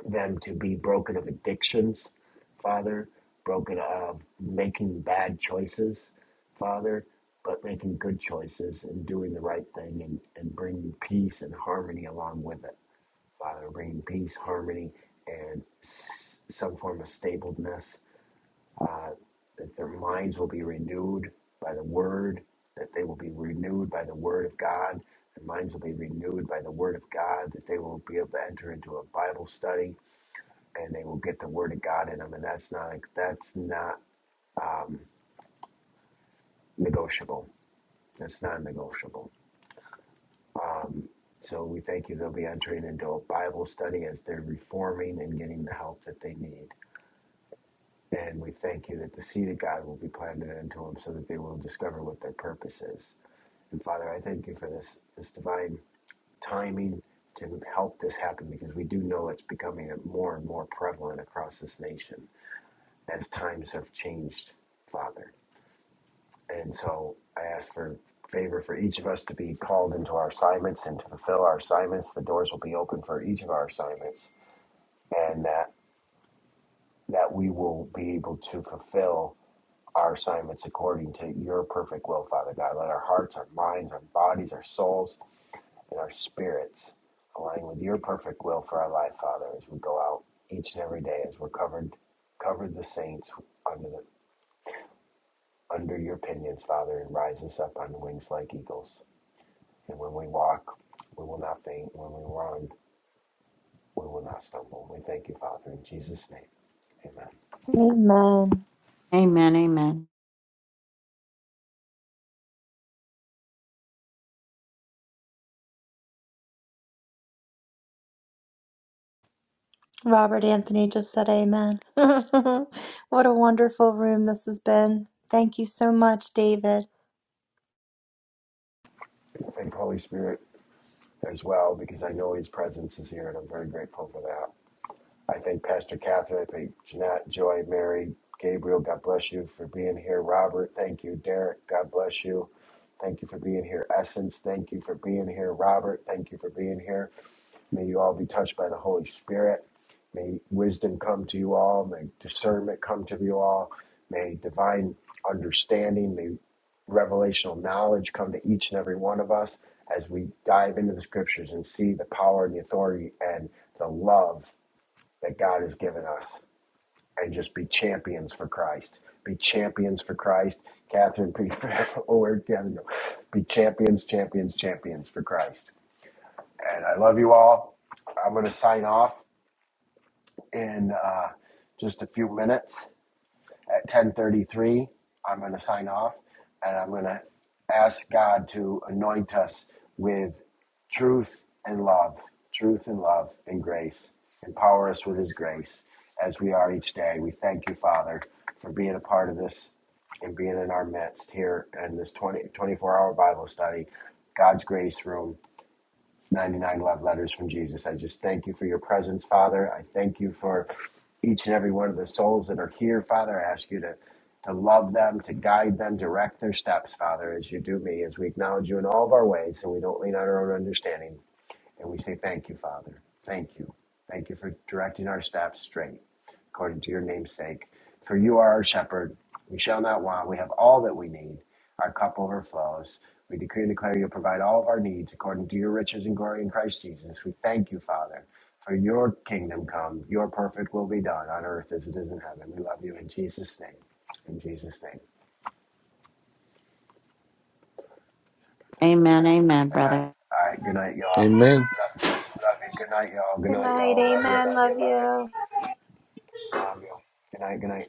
them to be broken of addictions, Father, broken of making bad choices, Father, but making good choices and doing the right thing and, and bringing peace and harmony along with it, Father, bringing peace, harmony, and s- some form of stableness, uh, that their minds will be renewed by the Word, that they will be renewed by the Word of God. Their minds will be renewed by the Word of God, that they will be able to enter into a Bible study and they will get the word of God in them, and that's not that's not um, negotiable. That's not negotiable. Um, so we thank you. They'll be entering into a Bible study as they're reforming and getting the help that they need. And we thank you that the seed of God will be planted into them, so that they will discover what their purpose is. And Father, I thank you for this this divine timing to help this happen because we do know it's becoming more and more prevalent across this nation as times have changed, Father. And so I ask for favor for each of us to be called into our assignments and to fulfill our assignments. The doors will be open for each of our assignments, and that that we will be able to fulfill our assignments according to your perfect will, Father God. Let our hearts, our minds, our bodies, our souls, and our spirits align with your perfect will for our life, Father, as we go out each and every day, as we're covered covered the saints under the under your pinions, Father, and rise us up on wings like eagles. And when we walk, we will not faint. When we run, we will not stumble. We thank you, Father, in Jesus' name. Amen. Amen. Amen. Amen. Robert Anthony just said amen. what a wonderful room this has been. Thank you so much, David. Thank Holy Spirit as well because I know His presence is here and I'm very grateful for that. I thank Pastor Catherine. I thank Jeanette, Joy, Mary, Gabriel. God bless you for being here. Robert, thank you. Derek, God bless you. Thank you for being here. Essence, thank you for being here. Robert, thank you for being here. May you all be touched by the Holy Spirit. May wisdom come to you all. May discernment come to you all. May divine understanding, may revelational knowledge come to each and every one of us as we dive into the scriptures and see the power and the authority and the love that God has given us. And just be champions for Christ. Be champions for Christ. Catherine, be, oh, where'd Catherine go? Be champions, champions, champions for Christ and I love you all. I'm going to sign off in uh, just a few minutes at 10:33. I'm going to sign off, and I'm going to ask God to anoint us with truth and love, truth and love and grace. Empower us with His grace as we are each day. We thank you, Father, for being a part of this and being in our midst here in this 20, 24 hour Bible study, God's grace room. 99 love letters from Jesus. I just thank you for your presence, Father. I thank you for each and every one of the souls that are here, Father. I ask you to, to love them, to guide them, direct their steps, Father, as you do me, as we acknowledge you in all of our ways and we don't lean on our own understanding. And we say, Thank you, Father. Thank you. Thank you for directing our steps straight according to your namesake. For you are our shepherd. We shall not want. We have all that we need. Our cup overflows. We decree and declare you'll provide all of our needs according to your riches and glory in Christ Jesus. We thank you, Father, for your kingdom come. Your perfect will be done on earth as it is in heaven. We love you in Jesus' name. In Jesus' name. Amen. Amen, Amen. brother. All right. Good night, y'all. Amen. Love, love you. Good night, y'all. Good Hello. night, y'all. Love you. Love you. Love you. Love you. Good night. Good night.